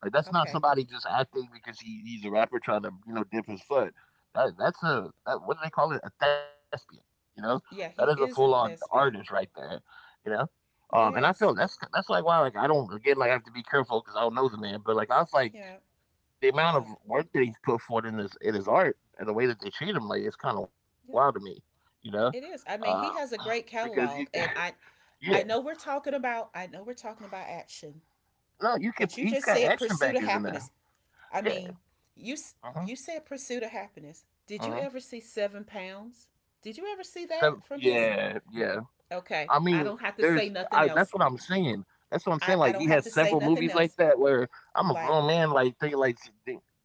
Speaker 2: Like that's not
Speaker 1: Okay.
Speaker 2: somebody just acting because he's a rapper trying to, you know, dip his foot. That that's a that, What do they call it? A thespian. You know, that is a
Speaker 1: Yeah,
Speaker 2: full
Speaker 1: he
Speaker 2: on
Speaker 1: is a
Speaker 2: artist right
Speaker 1: thespian.
Speaker 2: there. You know, and I feel
Speaker 1: Yes.
Speaker 2: that's like why, like I don't, again, like I have to be careful because I don't know the man, but like I was like
Speaker 1: Yeah.
Speaker 2: the amount of
Speaker 1: Yeah.
Speaker 2: work that he's put forth in his art and the way that they treat him, like it's kind of wild to me,
Speaker 1: Yeah.
Speaker 2: you know,
Speaker 1: It is.
Speaker 2: uh,
Speaker 1: I mean, he has a great
Speaker 2: because you
Speaker 1: catalog. And
Speaker 2: yeah,
Speaker 1: I know we're talking about action,
Speaker 2: no, you can,
Speaker 1: but you
Speaker 2: he's
Speaker 1: just
Speaker 2: got
Speaker 1: said
Speaker 2: action
Speaker 1: Pursuit of
Speaker 2: bankers in
Speaker 1: Happiness.
Speaker 2: there,
Speaker 1: I
Speaker 2: yeah.
Speaker 1: mean, you you
Speaker 2: Uh-huh,
Speaker 1: said Pursuit of Happiness. Did you
Speaker 2: uh-huh.
Speaker 1: ever see Seven Pounds? Did you ever
Speaker 2: So
Speaker 1: see that from
Speaker 2: yeah,
Speaker 1: his?
Speaker 2: yeah, I
Speaker 1: Okay,
Speaker 2: mean,
Speaker 1: I don't have to
Speaker 2: there's
Speaker 1: say
Speaker 2: I
Speaker 1: nothing
Speaker 2: that's what
Speaker 1: else.
Speaker 2: I'm saying, that's what I'm saying, like
Speaker 1: I
Speaker 2: he
Speaker 1: don't
Speaker 2: has
Speaker 1: have to
Speaker 2: several
Speaker 1: say
Speaker 2: movies
Speaker 1: nothing
Speaker 2: like
Speaker 1: else.
Speaker 2: that where I'm a
Speaker 1: Like,
Speaker 2: grown man, like think, like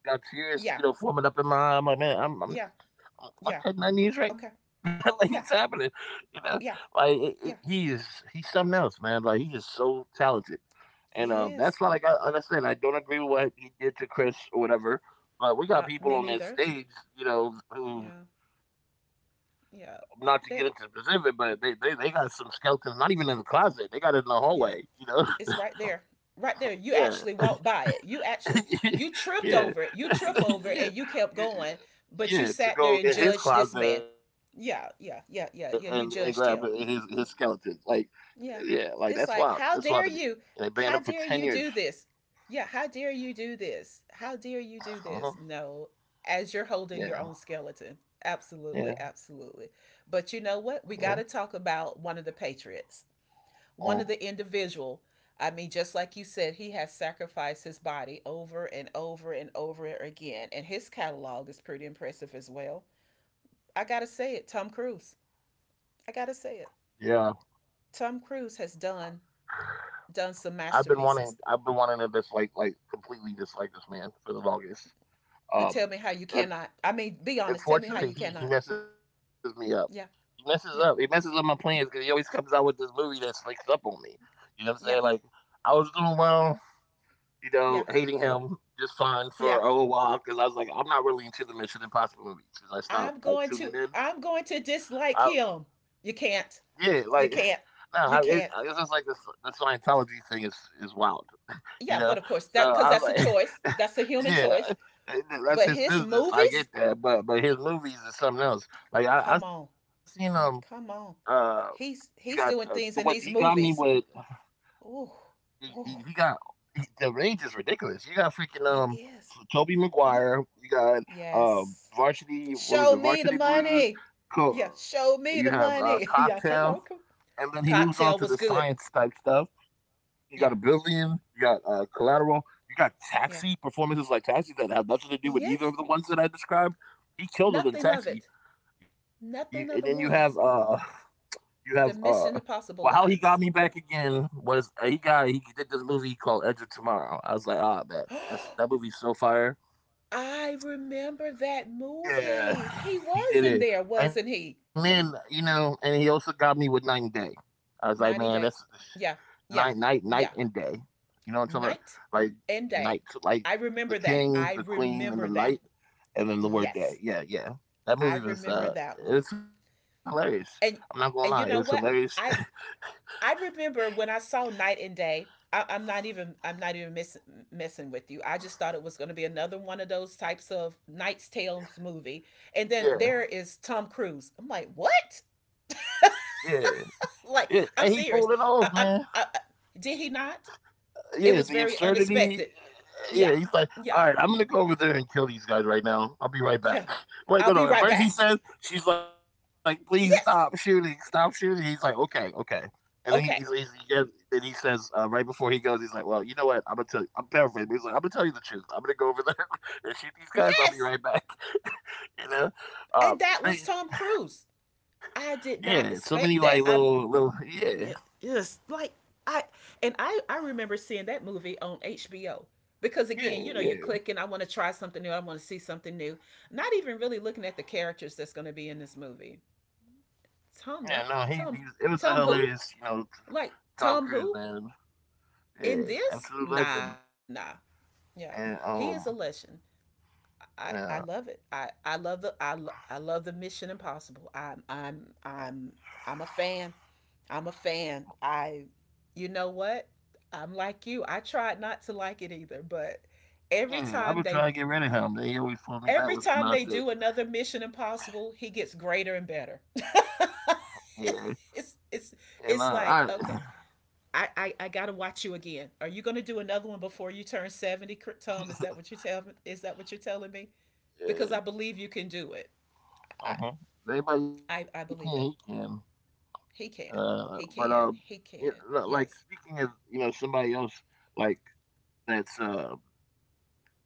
Speaker 2: got tears,
Speaker 1: yeah,
Speaker 2: you know, forming up in my eye. I'm like, man,
Speaker 1: yeah,
Speaker 2: I'm
Speaker 1: yeah,
Speaker 2: cutting right now.
Speaker 1: okay,
Speaker 2: Like it's happening,
Speaker 1: yeah,
Speaker 2: you know. Like
Speaker 1: yeah,
Speaker 2: he is,
Speaker 1: yeah.
Speaker 2: he's something else, man. Like he is so talented, and
Speaker 1: He
Speaker 2: that's why,
Speaker 1: is.
Speaker 2: like I said, I don't agree with what he did to Chris or whatever. But we got people
Speaker 1: Me
Speaker 2: on that
Speaker 1: neither.
Speaker 2: stage, you know, who,
Speaker 1: Yeah,
Speaker 2: not to get
Speaker 1: yeah.
Speaker 2: into
Speaker 1: That,
Speaker 2: specific, but they got some skeletons, not even in the closet. They got it in the hallway,
Speaker 1: yeah. It's right there. Right there. You
Speaker 2: Yeah,
Speaker 1: actually walked by it. You tripped
Speaker 2: yeah,
Speaker 1: over it. You trip over
Speaker 2: yeah.
Speaker 1: it and you kept going, but
Speaker 2: Yeah,
Speaker 1: you
Speaker 2: to
Speaker 1: sat there
Speaker 2: go
Speaker 1: and
Speaker 2: in his
Speaker 1: judged this
Speaker 2: closet
Speaker 1: man.
Speaker 2: and grab
Speaker 1: Yeah, yeah, yeah,
Speaker 2: his
Speaker 1: yeah, yeah.
Speaker 2: skeleton.
Speaker 1: You
Speaker 2: Like,
Speaker 1: judged him.
Speaker 2: yeah, like that's wild. That's wild
Speaker 1: Yeah.
Speaker 2: to me.
Speaker 1: It's
Speaker 2: They
Speaker 1: like,
Speaker 2: banned
Speaker 1: how
Speaker 2: him for
Speaker 1: dare
Speaker 2: ten
Speaker 1: you?
Speaker 2: years.
Speaker 1: How dare you do this? Yeah, how dare you do this? How dare you
Speaker 2: Uh-huh.
Speaker 1: do this? No, as you're holding
Speaker 2: Yeah,
Speaker 1: your own skeleton.
Speaker 2: yeah,
Speaker 1: Absolutely, absolutely. But you
Speaker 2: yeah.
Speaker 1: know what? We got to talk about one of the patriots,
Speaker 2: Oh,
Speaker 1: one of the individual. I mean, just like you said, he has sacrificed his body over and over and over again, and his catalog is pretty impressive as well. I got to say it, Tom Cruise. I got to say
Speaker 2: yeah.
Speaker 1: it. Tom Cruise has done done some masterpieces.
Speaker 2: I've been wanting to dislike, like completely dislike this man for the longest.
Speaker 1: But tell
Speaker 2: Um,
Speaker 1: me how you
Speaker 2: and
Speaker 1: cannot. I mean, be honest. Tell me how
Speaker 2: unfortunately,
Speaker 1: you
Speaker 2: he
Speaker 1: cannot.
Speaker 2: messes me up.
Speaker 1: Yeah,
Speaker 2: He messes up
Speaker 1: yeah,
Speaker 2: my plans because he always comes out with this movie that slicks up on me. You know what I'm saying? Like
Speaker 1: yeah,
Speaker 2: I was doing well, you know,
Speaker 1: yeah,
Speaker 2: hating him just fine for a
Speaker 1: yeah.
Speaker 2: little while because I was like, I'm not really into the Mission Impossible movies because I stopped
Speaker 1: I'm
Speaker 2: like
Speaker 1: going to.
Speaker 2: tuning in.
Speaker 1: I'm going to
Speaker 2: I,
Speaker 1: dislike him. You
Speaker 2: yeah,
Speaker 1: can't.
Speaker 2: like
Speaker 1: You
Speaker 2: no,
Speaker 1: can't.
Speaker 2: I-
Speaker 1: You
Speaker 2: guess it's just
Speaker 1: can't.
Speaker 2: like the Scientology thing is wild, you know.
Speaker 1: Yeah, but of
Speaker 2: So
Speaker 1: course that,
Speaker 2: I was
Speaker 1: because that's a
Speaker 2: like,
Speaker 1: choice. That's a human
Speaker 2: yeah.
Speaker 1: choice.
Speaker 2: And that's
Speaker 1: But
Speaker 2: his
Speaker 1: his
Speaker 2: business. I get
Speaker 1: movies.
Speaker 2: that, but his movies is something else. Like I
Speaker 1: Come
Speaker 2: seen
Speaker 1: on. Come
Speaker 2: uh
Speaker 1: on.
Speaker 2: you got
Speaker 1: He's
Speaker 2: the
Speaker 1: he's
Speaker 2: one
Speaker 1: doing
Speaker 2: he
Speaker 1: things
Speaker 2: got
Speaker 1: in
Speaker 2: me
Speaker 1: these
Speaker 2: with.
Speaker 1: movies. Ooh,
Speaker 2: He
Speaker 1: ooh.
Speaker 2: got the range is ridiculous. You got freaking
Speaker 1: It is.
Speaker 2: Toby
Speaker 1: Yeah.
Speaker 2: Maguire. You got
Speaker 1: Yes.
Speaker 2: varsity. What was
Speaker 1: Show
Speaker 2: it?
Speaker 1: me the
Speaker 2: Varsity Blues.
Speaker 1: money.
Speaker 2: Cool.
Speaker 1: Yeah,
Speaker 2: You have
Speaker 1: show me the money.
Speaker 2: cocktail,
Speaker 1: Yeah, come on,
Speaker 2: and
Speaker 1: come.
Speaker 2: then he moves on to the
Speaker 1: Cocktail was
Speaker 2: science
Speaker 1: good.
Speaker 2: type stuff. You got a
Speaker 1: Yeah.
Speaker 2: billion. You got collateral. You got taxi
Speaker 1: yeah,
Speaker 2: performances like taxi that have nothing to do with either
Speaker 1: yes,
Speaker 2: of the ones that I described. He killed it in
Speaker 1: nothing of
Speaker 2: taxi.
Speaker 1: it.
Speaker 2: And then you
Speaker 1: Nothing
Speaker 2: have
Speaker 1: of the ones.
Speaker 2: you have uh,
Speaker 1: The Mission
Speaker 2: well, how he
Speaker 1: Impossible
Speaker 2: got me back
Speaker 1: lines.
Speaker 2: again was he did this movie called Edge of Tomorrow. I was like, ah, man, that's that movie's so fire.
Speaker 1: I remember that
Speaker 2: Yeah,
Speaker 1: movie. He
Speaker 2: he
Speaker 1: was
Speaker 2: did
Speaker 1: in
Speaker 2: it,
Speaker 1: there,
Speaker 2: and
Speaker 1: wasn't
Speaker 2: then
Speaker 1: he?
Speaker 2: you know, and he also got me with Night and Day. I was like, man, that's
Speaker 1: 90 days. Yeah, yeah,
Speaker 2: night and
Speaker 1: yeah.
Speaker 2: day. You know what I'm talking about?
Speaker 1: Night
Speaker 2: Like
Speaker 1: and
Speaker 2: night,
Speaker 1: Day.
Speaker 2: like
Speaker 1: I
Speaker 2: the
Speaker 1: remember that.
Speaker 2: king,
Speaker 1: I
Speaker 2: the queen, and the
Speaker 1: remember that.
Speaker 2: knight, and then the word day.
Speaker 1: Yes,
Speaker 2: Yeah, yeah. That
Speaker 1: I
Speaker 2: movie was
Speaker 1: remember that one.
Speaker 2: it was hilarious. I'm not gonna lie,
Speaker 1: And
Speaker 2: it was
Speaker 1: and you
Speaker 2: hilarious.
Speaker 1: know what? I I remember when I saw Night and Day. I'm not even messing with you. I just thought it was going to be another one of those types of Knight's Tales movie, and then
Speaker 2: Yeah,
Speaker 1: there is Tom Cruise. I'm like, what?
Speaker 2: yeah. Yeah, and
Speaker 1: Like,
Speaker 2: he pulled
Speaker 1: I'm
Speaker 2: it off,
Speaker 1: serious.
Speaker 2: man.
Speaker 1: I, I, I, I- did he not?
Speaker 2: Yeah,
Speaker 1: It
Speaker 2: the
Speaker 1: was very
Speaker 2: absurdity.
Speaker 1: unexpected.
Speaker 2: Yeah,
Speaker 1: Yeah,
Speaker 2: he's like, all right,
Speaker 1: yeah,
Speaker 2: I'm gonna go over there and kill these guys right now. I'll be right back.
Speaker 1: yeah.
Speaker 2: Wait,
Speaker 1: I'll
Speaker 2: no,
Speaker 1: be
Speaker 2: no. At
Speaker 1: right
Speaker 2: first he
Speaker 1: back.
Speaker 2: says, she's like, please stop shooting,
Speaker 1: Yes.
Speaker 2: stop shooting. He's like, okay, okay. And then
Speaker 1: Okay.
Speaker 2: he gets, then he says, right before he goes, he's like, well, you know what? I'm gonna tell. You, I'm paraphrasing. But he's like, I'm gonna tell you the truth. I'm gonna go over there and shoot these guys. I'll be
Speaker 1: Yes.
Speaker 2: right back. You know,
Speaker 1: And
Speaker 2: uh,
Speaker 1: that was
Speaker 2: they,
Speaker 1: Tom Cruise.
Speaker 2: yeah,
Speaker 1: I
Speaker 2: so many
Speaker 1: did
Speaker 2: like
Speaker 1: not expect that.
Speaker 2: little yeah,
Speaker 1: Y- yes, like I and I I remember seeing that movie on HBO because
Speaker 2: yeah,
Speaker 1: again, you know, you're
Speaker 2: yeah.
Speaker 1: clicking. I want to try something new. I want to see something new. Not even really looking at the characters that's going to be in this movie.
Speaker 2: Yeah, no,
Speaker 1: Tom,
Speaker 2: he, it was a
Speaker 1: Tom,
Speaker 2: hilarious,
Speaker 1: Tom,
Speaker 2: you
Speaker 1: who?
Speaker 2: know,
Speaker 1: Like
Speaker 2: Tom Cruise,
Speaker 1: Tom, who
Speaker 2: man. Yeah,
Speaker 1: in this?
Speaker 2: absolute legend.
Speaker 1: Nah, nah, yeah.
Speaker 2: And
Speaker 1: He is a legend. I
Speaker 2: yeah,
Speaker 1: love it. I love the Mission Impossible. I'm a fan. I'm a fan. You know what? I'm like you. I tried not to like it either, but every
Speaker 2: yeah, I've
Speaker 1: time
Speaker 2: been
Speaker 1: they
Speaker 2: trying to get rid of him. They always pull me back
Speaker 1: every
Speaker 2: with some
Speaker 1: time they
Speaker 2: nonsense.
Speaker 1: do another Mission Impossible, he gets greater and better.
Speaker 2: Yeah,
Speaker 1: it's
Speaker 2: and
Speaker 1: it's it's like okay, I gotta watch you again. Are you gonna do another one before you turn 70, Tom? Is that what you're telling? Is that what you're telling me? Because
Speaker 2: yeah,
Speaker 1: I believe you can do it.
Speaker 2: uh
Speaker 1: I
Speaker 2: huh. Anybody can,
Speaker 1: I,
Speaker 2: he
Speaker 1: I
Speaker 2: can.
Speaker 1: believe it. He can.
Speaker 2: But
Speaker 1: He can.
Speaker 2: Yeah,
Speaker 1: He
Speaker 2: no,
Speaker 1: can.
Speaker 2: like speaking
Speaker 1: Yes.
Speaker 2: of, you know, somebody else like that's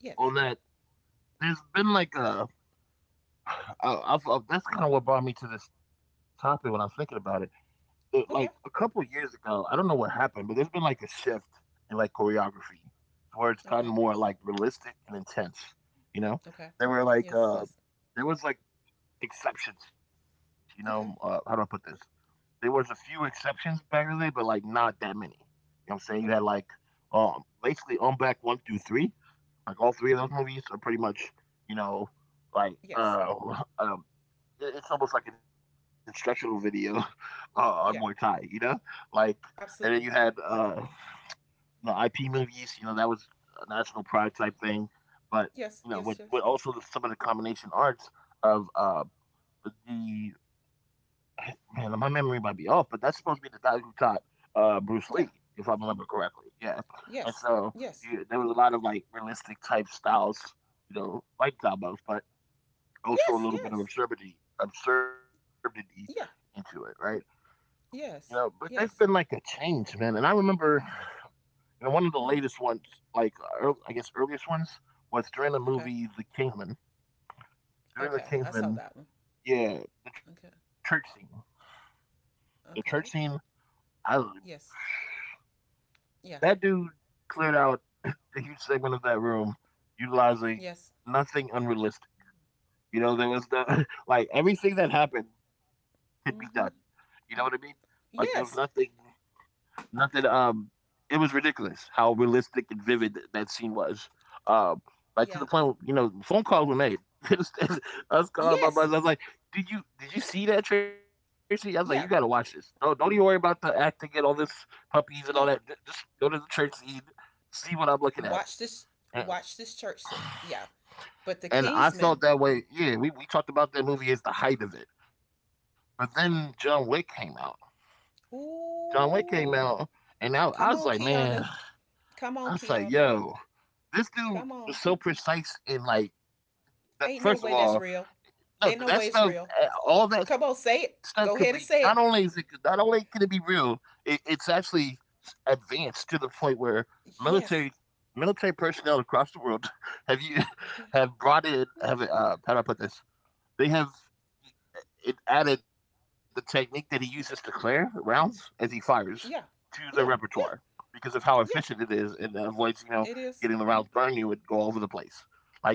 Speaker 1: Yes.
Speaker 2: on that. There's been like I, I, that's
Speaker 1: Yeah.
Speaker 2: kind of what brought me to this topic when I was thinking about it the, like a couple
Speaker 1: Okay.
Speaker 2: of years ago, I don't know what happened, but there's been like a shift in like choreography to where it's gotten more
Speaker 1: Okay.
Speaker 2: like realistic and intense. You know,
Speaker 1: Okay.
Speaker 2: there were like
Speaker 1: Yes, yes.
Speaker 2: there was like exceptions. You know, how do I put
Speaker 1: Okay.
Speaker 2: this? There was a few exceptions back in the day, but like not that many. You know what I'm saying? You had like
Speaker 1: Okay.
Speaker 2: basically on back one through three. Like all three of those
Speaker 1: Mm-hmm.
Speaker 2: movies are pretty much, you know, like
Speaker 1: Yes.
Speaker 2: uh it- it's almost like an instructional video on Muay Thai, you
Speaker 1: Yeah.
Speaker 2: know? Like, and then you had
Speaker 1: Absolutely.
Speaker 2: the IP movies, you know, that was a national pride type thing. But, you
Speaker 1: Yes,
Speaker 2: know,
Speaker 1: yes,
Speaker 2: with
Speaker 1: yes.
Speaker 2: also the, some of the combination arts of man, my memory might be off, but that's supposed to be the guy who taught Bruce Lee, if I
Speaker 1: Yeah.
Speaker 2: remember correctly. Yeah. And so
Speaker 1: Yes.
Speaker 2: you, there
Speaker 1: Yes.
Speaker 2: was a lot of like realistic type styles, you know, fight combos, but also a
Speaker 1: Yes,
Speaker 2: little bit of
Speaker 1: yes.
Speaker 2: absurdity into it,
Speaker 1: Yeah.
Speaker 2: right? You know, but
Speaker 1: Yes.
Speaker 2: there's been like a
Speaker 1: Yes.
Speaker 2: change, man. And I remember, you know, one of the latest
Speaker 1: Hmm.
Speaker 2: ones, like ear I guess earliest ones, was during the
Speaker 1: Okay.
Speaker 2: movie The Kingsman. During The
Speaker 1: Okay. I saw
Speaker 2: Kingsman,
Speaker 1: that one.
Speaker 2: yeah, the church
Speaker 1: Okay.
Speaker 2: scene. The church scene,
Speaker 1: Okay.
Speaker 2: I,
Speaker 1: Yes.
Speaker 2: that
Speaker 1: Yeah.
Speaker 2: dude cleared out a huge segment of that room utilizing
Speaker 1: Yes.
Speaker 2: nothing unrealistic. You know, there was the like everything that happened could be done. You
Speaker 1: Mm-hmm.
Speaker 2: know what I mean? Like there was nothing
Speaker 1: Yes.
Speaker 2: Nothing. It was ridiculous how realistic and vivid that scene was. Um, like to the
Speaker 1: Yeah.
Speaker 2: point where, you know, phone calls were made. It was- I was calling my
Speaker 1: Yes.
Speaker 2: buddies. I was like, Did you see that, Tracy?" I was like, "You got to watch this.
Speaker 1: Yeah.
Speaker 2: No, don't even worry about the acting and all this puppies and all that.
Speaker 1: Yeah.
Speaker 2: Just go to the church scene, see what I'm looking at."
Speaker 1: Watch this
Speaker 2: And,
Speaker 1: Watch this church scene. Yeah. But
Speaker 2: and
Speaker 1: the
Speaker 2: I felt
Speaker 1: Kingsmen.
Speaker 2: that way. Yeah, we talked about that movie as the height of it, but then John
Speaker 1: Yeah.
Speaker 2: Wick came out. John Wick came out,
Speaker 1: Ooh.
Speaker 2: and now I was like,
Speaker 1: Come on,
Speaker 2: man,
Speaker 1: Keanu.
Speaker 2: I
Speaker 1: Come
Speaker 2: was
Speaker 1: on,
Speaker 2: like,
Speaker 1: Keanu.
Speaker 2: yo. This dude
Speaker 1: Come
Speaker 2: was
Speaker 1: on.
Speaker 2: so precise in like,
Speaker 1: Ain't no
Speaker 2: first
Speaker 1: way
Speaker 2: of
Speaker 1: that's
Speaker 2: all,
Speaker 1: real.
Speaker 2: no,
Speaker 1: Ain't no
Speaker 2: that
Speaker 1: way it's
Speaker 2: stuff,
Speaker 1: real.
Speaker 2: eh, all that
Speaker 1: Come on,
Speaker 2: stuff could
Speaker 1: say
Speaker 2: be,
Speaker 1: it.
Speaker 2: not
Speaker 1: Go
Speaker 2: only
Speaker 1: ahead
Speaker 2: is
Speaker 1: and
Speaker 2: it,
Speaker 1: say it.
Speaker 2: not only can it be real, it's actually advanced to the point where military
Speaker 1: Yes.
Speaker 2: military personnel across the world have you
Speaker 1: Yeah.
Speaker 2: have brought in,
Speaker 1: Yeah.
Speaker 2: have how do I put this, they have it, added the technique that he uses to clear
Speaker 1: Yeah.
Speaker 2: rounds as he fires to
Speaker 1: Yeah.
Speaker 2: their
Speaker 1: Yeah.
Speaker 2: repertoire
Speaker 1: Yeah.
Speaker 2: because of how efficient it
Speaker 1: Yeah.
Speaker 2: is and avoids, you know,
Speaker 1: It
Speaker 2: getting the
Speaker 1: is.
Speaker 2: rounds burn you and go all over the place. Like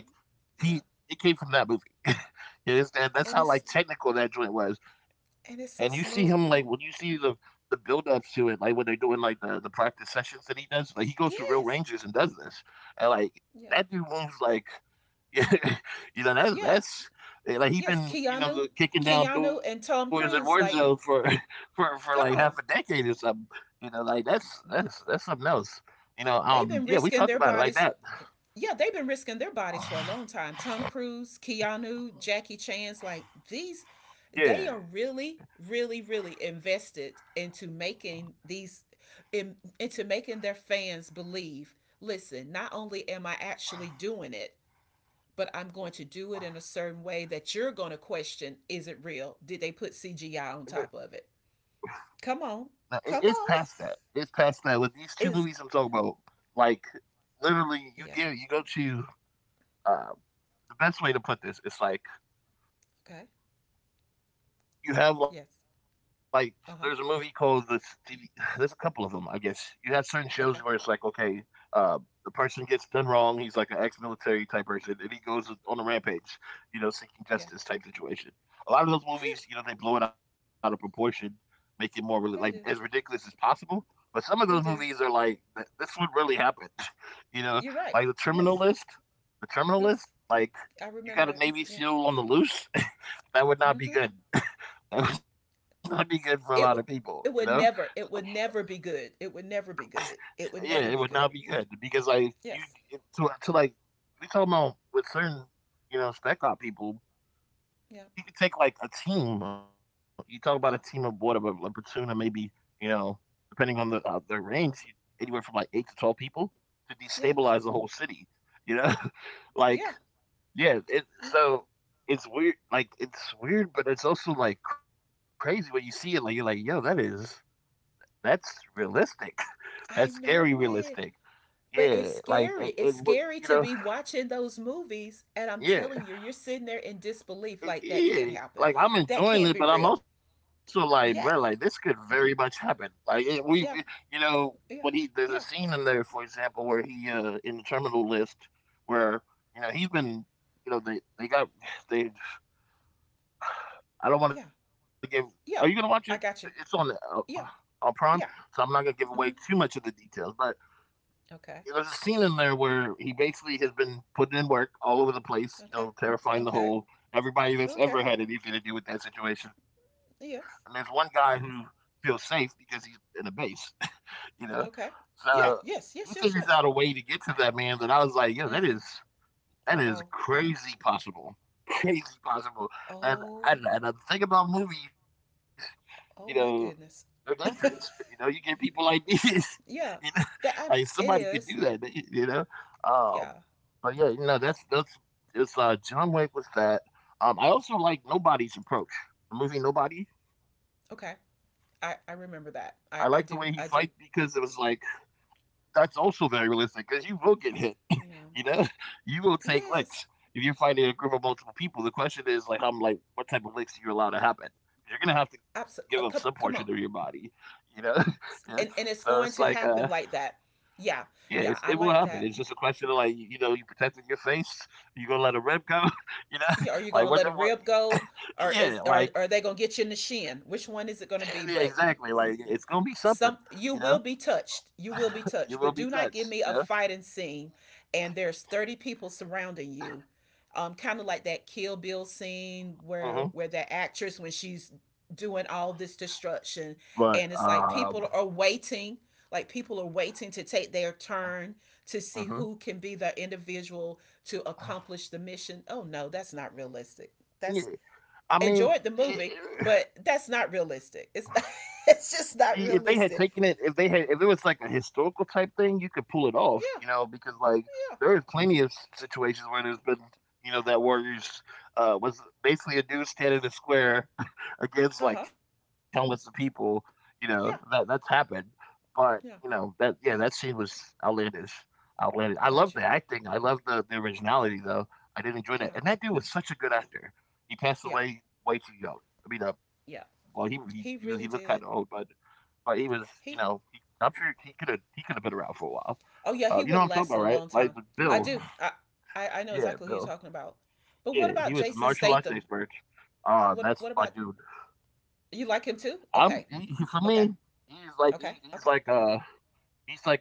Speaker 2: he,
Speaker 1: Yeah.
Speaker 2: it came from that movie. It is, that's
Speaker 1: And
Speaker 2: how
Speaker 1: it's
Speaker 2: like technical that joint was. And you see
Speaker 1: and it's
Speaker 2: him
Speaker 1: so
Speaker 2: like when you
Speaker 1: smooth.
Speaker 2: see the build ups to it, like when they're doing like the practice sessions that he does, like he goes to real ranges and
Speaker 1: Yes.
Speaker 2: does this. And like that
Speaker 1: Yeah.
Speaker 2: dude moves like you know,
Speaker 1: Yeah.
Speaker 2: that's eh, like he
Speaker 1: Yes.
Speaker 2: been, you know,
Speaker 1: Keanu,
Speaker 2: kicking down
Speaker 1: Keanu,
Speaker 2: doors at
Speaker 1: and Tom
Speaker 2: Warzone for
Speaker 1: Cruise. Like,
Speaker 2: for like half a
Speaker 1: come
Speaker 2: decade or
Speaker 1: on.
Speaker 2: something. You know, like that's something else. You know, yeah,
Speaker 1: They've
Speaker 2: we
Speaker 1: been
Speaker 2: talked about it
Speaker 1: risking
Speaker 2: like
Speaker 1: their
Speaker 2: that.
Speaker 1: bodies, yeah, they've been risking their bodies for a long time. Tom Cruise, Keanu, Jackie Chan's, like these, they
Speaker 2: Yeah,
Speaker 1: are really, really, really invested into making these, in, into making their fans believe. Listen, not only am I actually doing it, but I'm going to do it in a certain way that you're going to question: Is it real? Did they put
Speaker 2: and it-
Speaker 1: CGI on top of it? Come
Speaker 2: no, it-
Speaker 1: on,
Speaker 2: it's
Speaker 1: come
Speaker 2: past that.
Speaker 1: on.
Speaker 2: It's past that with these two movies I'm
Speaker 1: Is
Speaker 2: talking about. Like literally,
Speaker 1: yeah,
Speaker 2: you go to uh, the best way to put this. It's like
Speaker 1: okay,
Speaker 2: you have like
Speaker 1: yes,
Speaker 2: there's a movie called
Speaker 1: uh
Speaker 2: the
Speaker 1: huh,
Speaker 2: TV, there's a couple of them. I guess you have certain shows where it's like,
Speaker 1: okay,
Speaker 2: okay, uh the person gets done wrong, he's like an ex-military type person and he goes on a rampage, you know, seeking justice
Speaker 1: yeah,
Speaker 2: type situation. A lot of those movies,
Speaker 1: yeah.
Speaker 2: you know, they blow it out of proportion, make it more really like as
Speaker 1: They do,
Speaker 2: ridiculous as possible. But some of those movies
Speaker 1: they
Speaker 2: are
Speaker 1: do.
Speaker 2: like, "Th- this would really happen." You know,
Speaker 1: You're
Speaker 2: like the
Speaker 1: right.
Speaker 2: terminal list,
Speaker 1: Yes.
Speaker 2: the terminal list.
Speaker 1: Yes.
Speaker 2: Like
Speaker 1: I
Speaker 2: you
Speaker 1: remember
Speaker 2: got a
Speaker 1: that.
Speaker 2: navy
Speaker 1: Yeah.
Speaker 2: seal on the loose. That would not be
Speaker 1: Mm-hmm.
Speaker 2: good. It would not be good for a lot of people,
Speaker 1: It
Speaker 2: you
Speaker 1: would.
Speaker 2: know?
Speaker 1: It would never. It would never be good. It would never be good.
Speaker 2: Yeah,
Speaker 1: It
Speaker 2: it
Speaker 1: would
Speaker 2: would
Speaker 1: never
Speaker 2: not
Speaker 1: be
Speaker 2: be
Speaker 1: good.
Speaker 2: good because, like, you it
Speaker 1: Yes.
Speaker 2: to, like, we talk about with certain, spec op people,
Speaker 1: Yeah.
Speaker 2: you could take, like, a team. You talk about a team of what, of a
Speaker 1: Yeah.
Speaker 2: a platoon of maybe, you know, depending on the range, you- anywhere from, like, 8 to 12 people to
Speaker 1: Yeah.
Speaker 2: destabilize the whole city, you know? Like,
Speaker 1: Yeah.
Speaker 2: yeah, it
Speaker 1: Yeah.
Speaker 2: so it's weird, like, it's weird, but it's also, like, crazy when you see it. Like, you're like, "Yo, that is that's realistic." That's scary
Speaker 1: I know
Speaker 2: realistic.
Speaker 1: it.
Speaker 2: Yeah,
Speaker 1: But it's
Speaker 2: like it
Speaker 1: scary.
Speaker 2: would,
Speaker 1: It's
Speaker 2: you
Speaker 1: scary
Speaker 2: know,
Speaker 1: to be watching those movies, and I'm
Speaker 2: yeah,
Speaker 1: telling you, you're sitting there in disbelief, like that
Speaker 2: yeah.
Speaker 1: can't happen,
Speaker 2: Like I'm
Speaker 1: that
Speaker 2: enjoying
Speaker 1: can't
Speaker 2: it,
Speaker 1: be
Speaker 2: but I'm
Speaker 1: real.
Speaker 2: also like, bro, like this could
Speaker 1: Yeah,
Speaker 2: very much happen. Like it, you
Speaker 1: yeah,
Speaker 2: know, when he there's
Speaker 1: yeah,
Speaker 2: a scene in
Speaker 1: yeah,
Speaker 2: there, for example, where he in the terminal list, where, you know, he's been, you know, they got they. I don't want to
Speaker 1: yeah,
Speaker 2: give. Are you gonna watch it?
Speaker 1: yeah.
Speaker 2: It's
Speaker 1: I got you.
Speaker 2: on
Speaker 1: Yeah,
Speaker 2: Prime, so I'm not
Speaker 1: yeah.
Speaker 2: gonna give away too much of
Speaker 1: Hmm.
Speaker 2: the details, but there's a
Speaker 1: Okay,
Speaker 2: scene in there where he basically has been putting in work all over the place, you know,
Speaker 1: okay,
Speaker 2: terrifying the
Speaker 1: okay,
Speaker 2: whole everybody that's
Speaker 1: okay.
Speaker 2: ever had anything to do with that situation. And there's one
Speaker 1: Yes.
Speaker 2: guy who feels safe because he's in a base. You know.
Speaker 1: Okay.
Speaker 2: So
Speaker 1: Yeah.
Speaker 2: he
Speaker 1: Yes.
Speaker 2: figures
Speaker 1: Yes.
Speaker 2: out a
Speaker 1: Yes.
Speaker 2: way
Speaker 1: Yes.
Speaker 2: to get to that man that I was like, yo,
Speaker 1: Mm-mm.
Speaker 2: that
Speaker 1: Uh
Speaker 2: is
Speaker 1: oh. Uh oh.
Speaker 2: crazy possible. Crazy possible. And
Speaker 1: Oh.
Speaker 2: the thing about movies, you know,
Speaker 1: Oh my
Speaker 2: they're
Speaker 1: goodness.
Speaker 2: dangerous. You know, you get people like this. You know,
Speaker 1: Yeah.
Speaker 2: like
Speaker 1: That I,
Speaker 2: somebody could
Speaker 1: it
Speaker 2: do that.
Speaker 1: is.
Speaker 2: You know, um,
Speaker 1: Yeah.
Speaker 2: but yeah, you know, that's it's John Wick was that. I also like Nobody's approach. The movie Nobody.
Speaker 1: Okay.
Speaker 2: I
Speaker 1: I
Speaker 2: like
Speaker 1: I
Speaker 2: the way he
Speaker 1: remember
Speaker 2: fight,
Speaker 1: that. I
Speaker 2: because it was
Speaker 1: do. I
Speaker 2: like
Speaker 1: do.
Speaker 2: that's also very realistic because you will get hit. You know,
Speaker 1: Yeah.
Speaker 2: you will take licks
Speaker 1: Yes.
Speaker 2: if you're fighting a group of multiple people. The question is, like, I'm like, what type of licks do you allow to happen. You're gonna have to give up some
Speaker 1: Absolutely.
Speaker 2: portion of
Speaker 1: Come
Speaker 2: your
Speaker 1: come on.
Speaker 2: body. You know, yeah. So
Speaker 1: And
Speaker 2: it's
Speaker 1: it's
Speaker 2: like
Speaker 1: going to happen like that.
Speaker 2: yeah,
Speaker 1: Yeah.
Speaker 2: it
Speaker 1: Yeah.
Speaker 2: will
Speaker 1: I
Speaker 2: happen.
Speaker 1: like
Speaker 2: It's just a
Speaker 1: that.
Speaker 2: question of, like, you know, you protecting your face. You gonna let a rep go? You know,
Speaker 1: Yeah. Are you
Speaker 2: like
Speaker 1: gonna
Speaker 2: what the
Speaker 1: let a
Speaker 2: what?
Speaker 1: rib go, or is
Speaker 2: Yeah,
Speaker 1: or
Speaker 2: like
Speaker 1: are they gonna get you in the shin? Which one
Speaker 2: yeah,
Speaker 1: is it gonna be?
Speaker 2: exactly.
Speaker 1: But
Speaker 2: Like it's gonna be something. You
Speaker 1: some
Speaker 2: know,
Speaker 1: you will be touched, you will be
Speaker 2: you will be
Speaker 1: touched, but do
Speaker 2: touched.
Speaker 1: not
Speaker 2: You
Speaker 1: give
Speaker 2: know,
Speaker 1: me a fighting scene and there's 30 people surrounding you. Kind of like that Kill Bill scene where
Speaker 2: hmm
Speaker 1: that actress when she's doing all this
Speaker 2: but
Speaker 1: destruction, and it's like people are waiting, like people are waiting to take their turn, to
Speaker 2: hmm
Speaker 1: see who can be the individual to accomplish the mission. Oh no, that's not realistic.
Speaker 2: yeah.
Speaker 1: That's
Speaker 2: I mean,
Speaker 1: enjoyed the
Speaker 2: eh,
Speaker 1: movie, but that's not realistic. It's not,
Speaker 2: see,
Speaker 1: it's
Speaker 2: if they
Speaker 1: just
Speaker 2: had
Speaker 1: not
Speaker 2: taken it,
Speaker 1: realistic.
Speaker 2: if they had, if it was like a historical type thing, you could pull it off, you know,
Speaker 1: Yeah,
Speaker 2: because like there
Speaker 1: yeah,
Speaker 2: is plenty of situations where there's been, you know, that Warriors was basically a dude standing in a square against
Speaker 1: uh
Speaker 2: like
Speaker 1: huh,
Speaker 2: countless of people, you know, that that's
Speaker 1: yeah,
Speaker 2: happened. But you know
Speaker 1: yeah,
Speaker 2: that, yeah, that scene was outlandish, outlandish. I love the
Speaker 1: got you.
Speaker 2: acting. I love the originality though. I did enjoy that, and
Speaker 1: Yeah,
Speaker 2: that dude was such a good actor. He passed
Speaker 1: yeah,
Speaker 2: away way too young. I mean, well,
Speaker 1: yeah.
Speaker 2: he looked kind
Speaker 1: He
Speaker 2: of old,
Speaker 1: really did.
Speaker 2: but he was, you know, he,
Speaker 1: He,
Speaker 2: I'm sure he could have been around for a while. You
Speaker 1: oh
Speaker 2: know what I'm
Speaker 1: yeah, he
Speaker 2: talking
Speaker 1: would
Speaker 2: about,
Speaker 1: have
Speaker 2: right?
Speaker 1: lasted a
Speaker 2: Like
Speaker 1: long
Speaker 2: the
Speaker 1: time.
Speaker 2: Bill.
Speaker 1: I do. I
Speaker 2: Yeah,
Speaker 1: know exactly
Speaker 2: Bill.
Speaker 1: who you're talking about. But
Speaker 2: Yeah,
Speaker 1: what
Speaker 2: he
Speaker 1: about
Speaker 2: was a
Speaker 1: Jason
Speaker 2: martial arts
Speaker 1: Statham?
Speaker 2: expert.
Speaker 1: What,
Speaker 2: That's
Speaker 1: what
Speaker 2: my
Speaker 1: about
Speaker 2: dude.
Speaker 1: you? Like him too?
Speaker 2: For
Speaker 1: Okay,
Speaker 2: me.
Speaker 1: okay,
Speaker 2: He's like he's like
Speaker 1: okay.
Speaker 2: he's like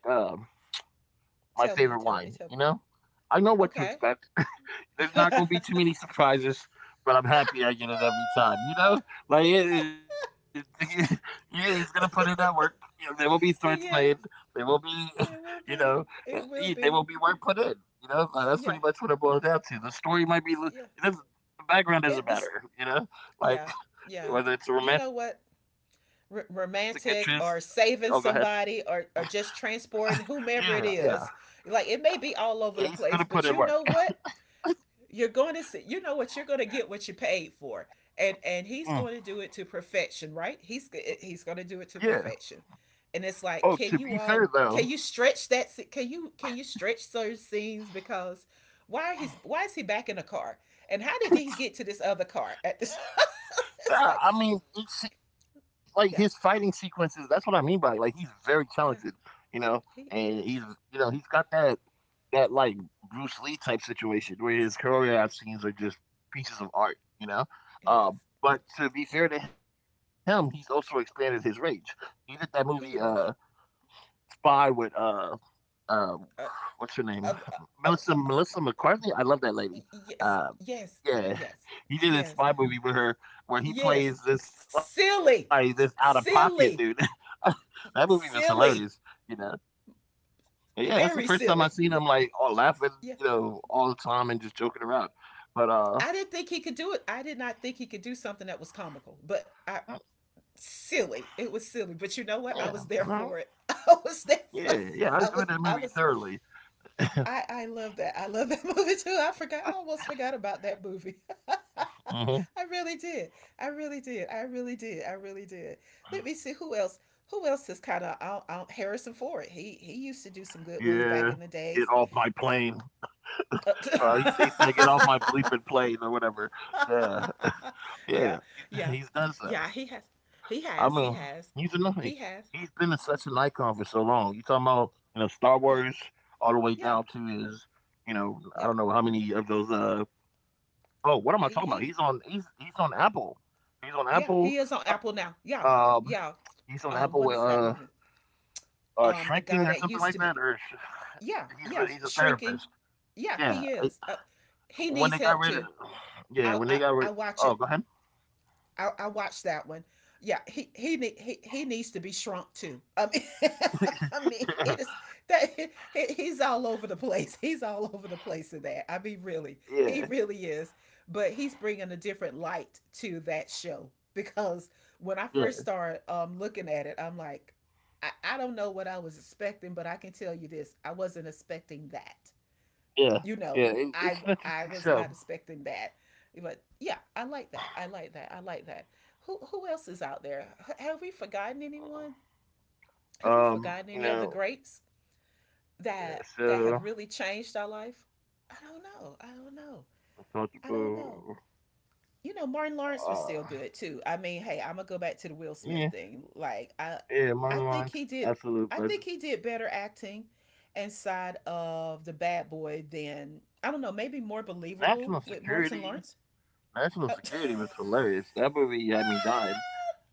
Speaker 2: my favorite
Speaker 1: Tell me,
Speaker 2: wine.
Speaker 1: tell me,
Speaker 2: You
Speaker 1: tell me.
Speaker 2: know, I know what to
Speaker 1: Okay.
Speaker 2: expect. There's not gonna be too many surprises, but I'm happy I get it every time. You know, like yeah, he's gonna put in that work. You know, there will be threats made. There
Speaker 1: Yes,
Speaker 2: will be, you
Speaker 1: there will
Speaker 2: know,
Speaker 1: be. It
Speaker 2: there will
Speaker 1: will
Speaker 2: be
Speaker 1: be.
Speaker 2: work put in. You know, uh, that's pretty much
Speaker 1: Yeah,
Speaker 2: what it boils down to. The story might be,
Speaker 1: yeah.
Speaker 2: it doesn't, the background doesn't
Speaker 1: It this.
Speaker 2: matter. You know, like
Speaker 1: Yeah, yeah.
Speaker 2: whether it's a
Speaker 1: You know
Speaker 2: romantic
Speaker 1: what?
Speaker 2: interest. Oh, go ahead.
Speaker 1: Romantic or saving somebody, or
Speaker 2: Yeah,
Speaker 1: just transporting whomever it is. Like
Speaker 2: He's
Speaker 1: it
Speaker 2: gonna
Speaker 1: may
Speaker 2: put
Speaker 1: be
Speaker 2: in
Speaker 1: all
Speaker 2: work.
Speaker 1: over the place, but you know what? You're going to see, you know what? You're going to get what you paid for. And
Speaker 2: Mm,
Speaker 1: he's going to do it to perfection, right? He's
Speaker 2: yeah.
Speaker 1: going to do it to perfection. And
Speaker 2: Oh,
Speaker 1: it's
Speaker 2: to be
Speaker 1: like, can
Speaker 2: fair
Speaker 1: you
Speaker 2: though.
Speaker 1: all can you stretch that? Can you stretch certain scenes? Because why he's why is he back in a car, and how did he get to this other car at this? It's
Speaker 2: Yeah,
Speaker 1: like,
Speaker 2: I mean, each like his fighting
Speaker 1: yeah,
Speaker 2: sequences. That's what I mean by it. Like he's very talented,
Speaker 1: yeah,
Speaker 2: you know, and
Speaker 1: he
Speaker 2: he's
Speaker 1: is.
Speaker 2: you know he's got that that like Bruce Lee type situation where his choreographed scenes are just pieces of art, you know.
Speaker 1: It is.
Speaker 2: But to be
Speaker 1: It is.
Speaker 2: fair to him, he's also expanded his range. He did that movie
Speaker 1: He is.
Speaker 2: Spy with uh,
Speaker 1: Uh,
Speaker 2: what's her name,
Speaker 1: uh, uh, uh,
Speaker 2: Melissa
Speaker 1: uh,
Speaker 2: Melissa McCarthy. I love that lady.
Speaker 1: yes.
Speaker 2: Uh,
Speaker 1: Yes.
Speaker 2: yeah.
Speaker 1: Yes.
Speaker 2: He did a
Speaker 1: Yes.
Speaker 2: spy movie with her where he
Speaker 1: Yes.
Speaker 2: plays this like this
Speaker 1: Silly.
Speaker 2: out of pocket dude.
Speaker 1: Silly.
Speaker 2: That movie was hilarious, you
Speaker 1: Silly.
Speaker 2: know. But yeah, that's the first
Speaker 1: Very
Speaker 2: time I seen
Speaker 1: silly.
Speaker 2: him like all laughing, you
Speaker 1: Yeah.
Speaker 2: know, all the time and just joking around. But
Speaker 1: I didn't think he could do it. I did not think he could do something that was comical, but I
Speaker 2: mm,
Speaker 1: silly. It was silly. But you
Speaker 2: yeah,
Speaker 1: know what? I
Speaker 2: no.
Speaker 1: was there for it. I was there
Speaker 2: Yeah, yeah,
Speaker 1: for
Speaker 2: I enjoyed that
Speaker 1: I was
Speaker 2: movie
Speaker 1: I was
Speaker 2: thoroughly.
Speaker 1: I love that. I love that movie too. I forgot. I almost forgot about that movie.
Speaker 2: hmm
Speaker 1: I really did. I really did. I really did. I really did. Let me see who else. Who else is kind of out? Harrison Ford. He used to do some good ones
Speaker 2: Yeah.
Speaker 1: back in the
Speaker 2: Get
Speaker 1: days.
Speaker 2: off my plane. He said, "Get off my bleeping plane" or whatever. Yeah.
Speaker 1: Yeah,
Speaker 2: Yeah,
Speaker 1: yeah,
Speaker 2: he's done so.
Speaker 1: yeah. He has.
Speaker 2: I mean,
Speaker 1: He has.
Speaker 2: he's
Speaker 1: He
Speaker 2: annoying.
Speaker 1: has.
Speaker 2: He's
Speaker 1: He
Speaker 2: been a,
Speaker 1: has.
Speaker 2: such an icon for so long. You talking about you know Star Wars
Speaker 1: Yeah,
Speaker 2: all the way down
Speaker 1: yeah,
Speaker 2: to his, you know, I don't
Speaker 1: yeah.
Speaker 2: know how many
Speaker 1: He
Speaker 2: of those. Oh, what am I
Speaker 1: he.
Speaker 2: talking about?
Speaker 1: He
Speaker 2: He's on. He's on Apple. He's on
Speaker 1: Yeah,
Speaker 2: Apple.
Speaker 1: he is on Apple now.
Speaker 2: Um,
Speaker 1: Yeah,
Speaker 2: he's on
Speaker 1: yeah.
Speaker 2: Apple with
Speaker 1: What is that movie?
Speaker 2: shrinking or
Speaker 1: The
Speaker 2: something
Speaker 1: guy
Speaker 2: like
Speaker 1: that
Speaker 2: that,
Speaker 1: used to
Speaker 2: or
Speaker 1: be yeah,
Speaker 2: he's a
Speaker 1: yeah,
Speaker 2: therapist.
Speaker 1: shrinking. Yeah,
Speaker 2: Yeah,
Speaker 1: he is, he
Speaker 2: when they
Speaker 1: needs
Speaker 2: got
Speaker 1: help
Speaker 2: rid of,
Speaker 1: too.
Speaker 2: yeah,
Speaker 1: I,
Speaker 2: when they
Speaker 1: I
Speaker 2: got rid.
Speaker 1: i watch
Speaker 2: Oh,
Speaker 1: it.
Speaker 2: go ahead.
Speaker 1: I watched that one. Yeah, he needs to be shrunk too. I mean, I mean it is that he's all over the place. He's all over the place in that. I mean, really, he
Speaker 2: yeah,
Speaker 1: really is. But he's bringing a different light to that show because when
Speaker 2: yeah.
Speaker 1: I first started looking at it, I'm like, I don't know what I was expecting, but I can tell you this: I wasn't expecting that, you
Speaker 2: Yeah,
Speaker 1: know,
Speaker 2: yeah,
Speaker 1: I
Speaker 2: it's
Speaker 1: I
Speaker 2: an
Speaker 1: was
Speaker 2: interesting
Speaker 1: not
Speaker 2: show.
Speaker 1: expecting that, but yeah, I like that. I like that. I like that. Who else is out there? Have we forgotten anyone? Have we forgotten any
Speaker 2: You
Speaker 1: of the
Speaker 2: know,
Speaker 1: greats that
Speaker 2: yeah,
Speaker 1: have
Speaker 2: so
Speaker 1: really changed our life? I don't know. I don't know.
Speaker 2: I talked
Speaker 1: I don't know.
Speaker 2: about,
Speaker 1: You know, Martin Lawrence was
Speaker 2: uh,
Speaker 1: still good too. I mean, hey, I'm gonna go back
Speaker 2: yeah,
Speaker 1: to the Will Smith thing.
Speaker 2: yeah, Martin Lawrence,
Speaker 1: I think he
Speaker 2: absolute
Speaker 1: did.
Speaker 2: legend.
Speaker 1: I think he did better acting inside of the Bad Boy than I don't know. Maybe more believable
Speaker 2: National
Speaker 1: with Martin
Speaker 2: Security,
Speaker 1: Lawrence.
Speaker 2: National
Speaker 1: Oh.
Speaker 2: Security was hilarious. That movie had me dying.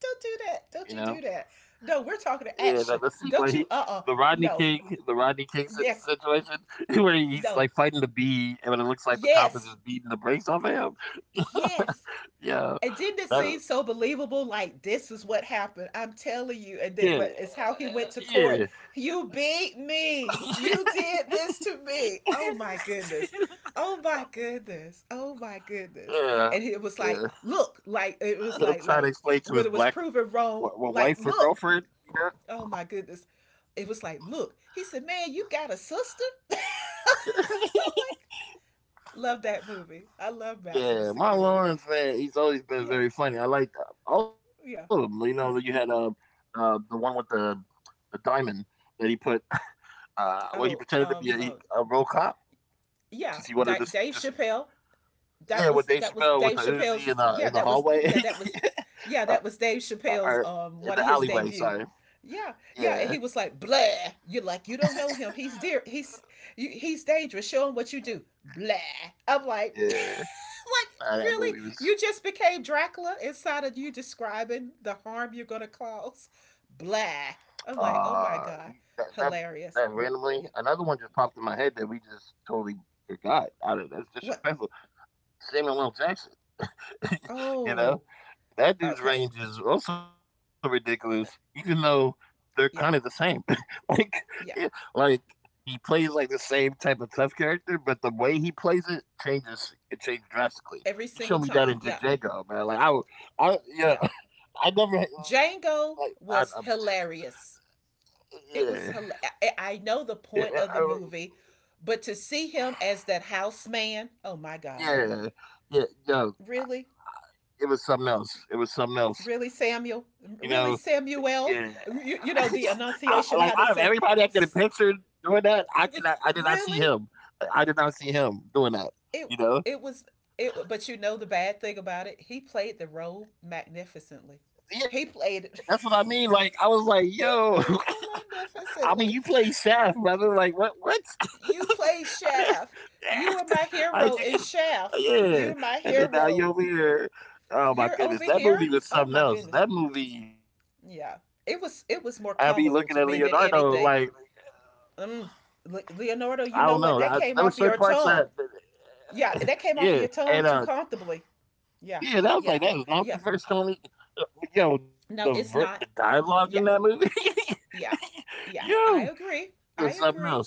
Speaker 1: Don't
Speaker 2: You
Speaker 1: do
Speaker 2: know,
Speaker 1: that. Don't you do that. No, we're
Speaker 2: yeah,
Speaker 1: talking
Speaker 2: the
Speaker 1: to
Speaker 2: scene
Speaker 1: action.
Speaker 2: where he,
Speaker 1: Don't you? No.
Speaker 2: The Rodney King
Speaker 1: Yes.
Speaker 2: situation, where he's like
Speaker 1: No.
Speaker 2: fighting the bee, and it looks like the cop is
Speaker 1: Yes.
Speaker 2: just beating the brakes off him.
Speaker 1: Yes. It
Speaker 2: yeah,
Speaker 1: didn't it seem
Speaker 2: that,
Speaker 1: so believable, like this is what
Speaker 2: yeah,
Speaker 1: happened, I'm telling you, and then but
Speaker 2: yeah.
Speaker 1: it's how he went to court. You beat me, you did this to me, oh my goodness, oh my goodness, oh my goodness. And
Speaker 2: yeah,
Speaker 1: it was like
Speaker 2: yeah.
Speaker 1: look, like it was like
Speaker 2: I'm trying to
Speaker 1: when it was
Speaker 2: explain to his
Speaker 1: proven
Speaker 2: black
Speaker 1: wrong, like
Speaker 2: wife or
Speaker 1: look,
Speaker 2: girlfriend. You
Speaker 1: oh my goodness, it was like look, he said, "Man, you got a sister." I'm
Speaker 2: know?
Speaker 1: like, love that movie. I love Maximum
Speaker 2: Yeah, my
Speaker 1: Security.
Speaker 2: Lawrence man, he's always been
Speaker 1: Yeah,
Speaker 2: very funny. I like all of them. You
Speaker 1: yeah,
Speaker 2: know, you had
Speaker 1: yeah.
Speaker 2: the one with the diamond that he put. Well, he pretended
Speaker 1: Oh,
Speaker 2: to be
Speaker 1: oh
Speaker 2: a real cop because
Speaker 1: yeah,
Speaker 2: he wanted to
Speaker 1: Dave
Speaker 2: just
Speaker 1: Chappelle. That
Speaker 2: yeah with
Speaker 1: was
Speaker 2: Dave Chappelle with
Speaker 1: Dave
Speaker 2: the Uzi
Speaker 1: Chappelle's. Yeah,
Speaker 2: in the
Speaker 1: that was
Speaker 2: hallway
Speaker 1: yeah, yeah, that was
Speaker 2: or
Speaker 1: Dave
Speaker 2: in the
Speaker 1: Chappelle's,
Speaker 2: alleyway.
Speaker 1: one of
Speaker 2: Sorry.
Speaker 1: his debut. Yeah,
Speaker 2: Yeah.
Speaker 1: yeah, and he was like, "Blah." You're like, you don't know him. He's dear. He's dangerous. Show him what you do. Blah. I'm like,
Speaker 2: Yeah.
Speaker 1: like
Speaker 2: That
Speaker 1: really?
Speaker 2: movie was
Speaker 1: You just became Dracula inside of you describing the harm you're gonna cause. Blah. I'm
Speaker 2: uh
Speaker 1: like, oh my
Speaker 2: that
Speaker 1: god,
Speaker 2: that that
Speaker 1: hilarious.
Speaker 2: randomly another
Speaker 1: Yeah.
Speaker 2: one just popped in my head that we just totally forgot. I don't, that's
Speaker 1: What?
Speaker 2: disrespectful. Samuel L. Jackson, you know
Speaker 1: Oh.
Speaker 2: that dude's
Speaker 1: Okay.
Speaker 2: range is also ridiculous, even though they're kind of the same.
Speaker 1: Yeah.
Speaker 2: like yeah,
Speaker 1: Yeah.
Speaker 2: like he plays like the same type of tough character, but the way he plays it changes. It changes drastically.
Speaker 1: Every
Speaker 2: You show
Speaker 1: single
Speaker 2: me that in
Speaker 1: time. Yeah.
Speaker 2: Django, man. Like I would- I yeah,
Speaker 1: Yeah.
Speaker 2: I never had, like I'm,
Speaker 1: Django was hilarious.
Speaker 2: yeah.
Speaker 1: It was hilarious.
Speaker 2: Yeah,
Speaker 1: Know the point of the movie, but to see him as that house man, oh my God.
Speaker 2: yeah, yeah, yo,
Speaker 1: Really?
Speaker 2: it was something else. It was something else.
Speaker 1: Really,
Speaker 2: You
Speaker 1: Samuel?
Speaker 2: know,
Speaker 1: Really,
Speaker 2: yeah.
Speaker 1: Samuel? You know the
Speaker 2: I, like out of
Speaker 1: enunciation how they
Speaker 2: everybody
Speaker 1: said
Speaker 2: I could have pictured doing that, I did not. I did not see
Speaker 1: really?
Speaker 2: him. I did not see him doing that.
Speaker 1: It
Speaker 2: You
Speaker 1: it
Speaker 2: know,
Speaker 1: was it, but you know the bad thing about it, he played the role magnificently. He played
Speaker 2: yeah,
Speaker 1: it.
Speaker 2: that's what I mean. Like I was like,
Speaker 1: He
Speaker 2: yo,
Speaker 1: played it so
Speaker 2: I mean,
Speaker 1: magnificently.
Speaker 2: you play Shaft, brother. Like what? What?
Speaker 1: You play
Speaker 2: I did
Speaker 1: Shaft. You were my
Speaker 2: I
Speaker 1: hero in
Speaker 2: did
Speaker 1: Shaft.
Speaker 2: yeah.
Speaker 1: You're my
Speaker 2: And then now you
Speaker 1: hero.
Speaker 2: over here. Oh my
Speaker 1: You're
Speaker 2: goodness,
Speaker 1: over
Speaker 2: that
Speaker 1: here.
Speaker 2: movie was
Speaker 1: Oh
Speaker 2: something
Speaker 1: my
Speaker 2: else.
Speaker 1: goodness.
Speaker 2: That movie, I be
Speaker 1: Yeah.
Speaker 2: looking at
Speaker 1: It was
Speaker 2: Leonardo
Speaker 1: more
Speaker 2: like
Speaker 1: comical to me than anything. Mm.
Speaker 2: I don't know.
Speaker 1: Leonardo,
Speaker 2: There were
Speaker 1: you know
Speaker 2: certain
Speaker 1: what? That
Speaker 2: parts
Speaker 1: came off your tongue. Yeah,
Speaker 2: yeah,
Speaker 1: that came off
Speaker 2: and
Speaker 1: your tongue too comfortably.
Speaker 2: yeah, that
Speaker 1: Yeah.
Speaker 2: was like that was
Speaker 1: Yeah.
Speaker 2: not the first
Speaker 1: Yeah.
Speaker 2: time. Uh, Yo, the
Speaker 1: No, it's not.
Speaker 2: dialogue in that movie,
Speaker 1: Yeah. Yeah.
Speaker 2: yo,
Speaker 1: Yeah. I
Speaker 2: it was
Speaker 1: agree.
Speaker 2: something
Speaker 1: I
Speaker 2: else.
Speaker 1: agree.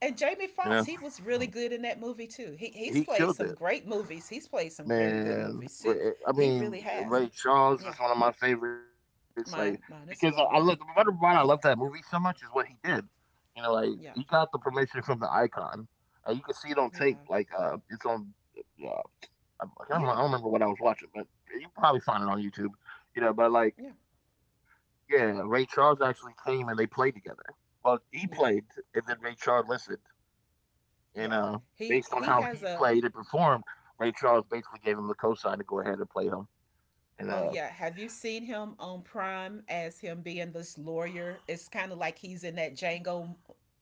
Speaker 1: And
Speaker 2: You
Speaker 1: Jamie
Speaker 2: know,
Speaker 1: Foxx, he was really good in that movie too. He
Speaker 2: he
Speaker 1: he's
Speaker 2: killed
Speaker 1: played
Speaker 2: it,
Speaker 1: some great movies. He's played some very good
Speaker 2: man.
Speaker 1: movies too.
Speaker 2: I
Speaker 1: He really
Speaker 2: mean,
Speaker 1: has.
Speaker 2: Ray Charles
Speaker 1: Yeah.
Speaker 2: is one of my favorites. Like because
Speaker 1: Mine
Speaker 2: I
Speaker 1: mine
Speaker 2: love the
Speaker 1: as
Speaker 2: matter
Speaker 1: well.
Speaker 2: why I love that movie so much is what he did. You know, like he
Speaker 1: Yeah.
Speaker 2: got the permission from the icon. You can see it on tape.
Speaker 1: Yeah.
Speaker 2: Like it's on. Uh, I can't remember, I
Speaker 1: Yeah.
Speaker 2: don't remember what I was watching, but you can probably find it on YouTube. You know, but like,
Speaker 1: Yeah.
Speaker 2: yeah, Ray Charles actually came and they played together. Well, he played,
Speaker 1: Yeah.
Speaker 2: and then Ray Charles listened. And
Speaker 1: Yeah.
Speaker 2: Based on how
Speaker 1: He
Speaker 2: he
Speaker 1: has
Speaker 2: played
Speaker 1: a
Speaker 2: and performed, Ray Charles basically gave him the cosign to go ahead and play him. And
Speaker 1: Oh yeah, have you seen him on Prime as him being this lawyer? It's kind of like he's in that Django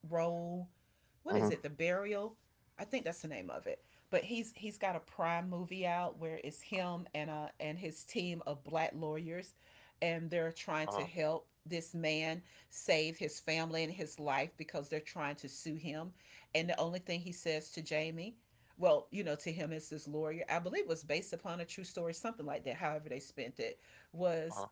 Speaker 1: role.
Speaker 2: uh
Speaker 1: What is it? The Burial? I think that's the name of it. But he's got a Prime movie out where it's him and his team of black lawyers, and
Speaker 2: uh
Speaker 1: they're trying to help this man save his family and his life because they're trying to sue him. And the only thing he says to Jamie, well, you know, to him as his lawyer, I believe it was based upon a true story, something like that, however they spent it, was
Speaker 2: uh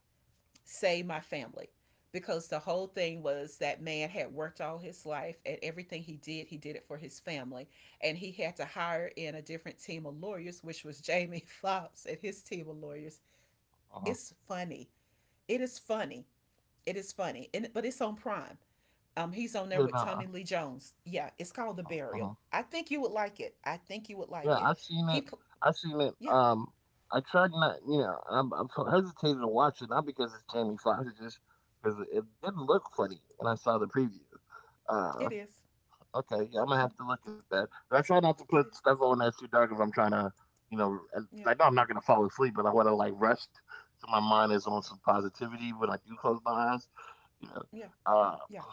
Speaker 1: save my family. Because the whole thing was that man had worked all his life, and everything he did it for his family. And he had to hire in a different team of lawyers, which was Jamie Foxx and his team of lawyers.
Speaker 2: uh
Speaker 1: It's funny. It is funny. It is funny. And, but it's on Prime.
Speaker 2: yeah,
Speaker 1: He's
Speaker 2: no,
Speaker 1: on there with Tommy Lee Jones. Yeah, it's called
Speaker 2: uh
Speaker 1: The
Speaker 2: uh-huh.
Speaker 1: Burial. I think you would like it. I think you would
Speaker 2: Yeah,
Speaker 1: like it.
Speaker 2: I've seen it.
Speaker 1: He
Speaker 2: I've seen it.
Speaker 1: yeah,
Speaker 2: I tried not, you know, I'm so hesitated to watch it not because it's Jamie Foxx, it's just because it didn't look funny when I saw the preview.
Speaker 1: it
Speaker 2: Uh,
Speaker 1: is.
Speaker 2: Okay, yeah, I'm gonna have to look at that. But I try not to
Speaker 1: It
Speaker 2: put
Speaker 1: is.
Speaker 2: stuff on that's too dark if I'm trying to, you know, and
Speaker 1: Yeah,
Speaker 2: I know I'm not gonna fall asleep, but I want to like rest, so my mind is on some positivity when I do close my eyes. You know,
Speaker 1: yeah,
Speaker 2: uh,
Speaker 1: yeah,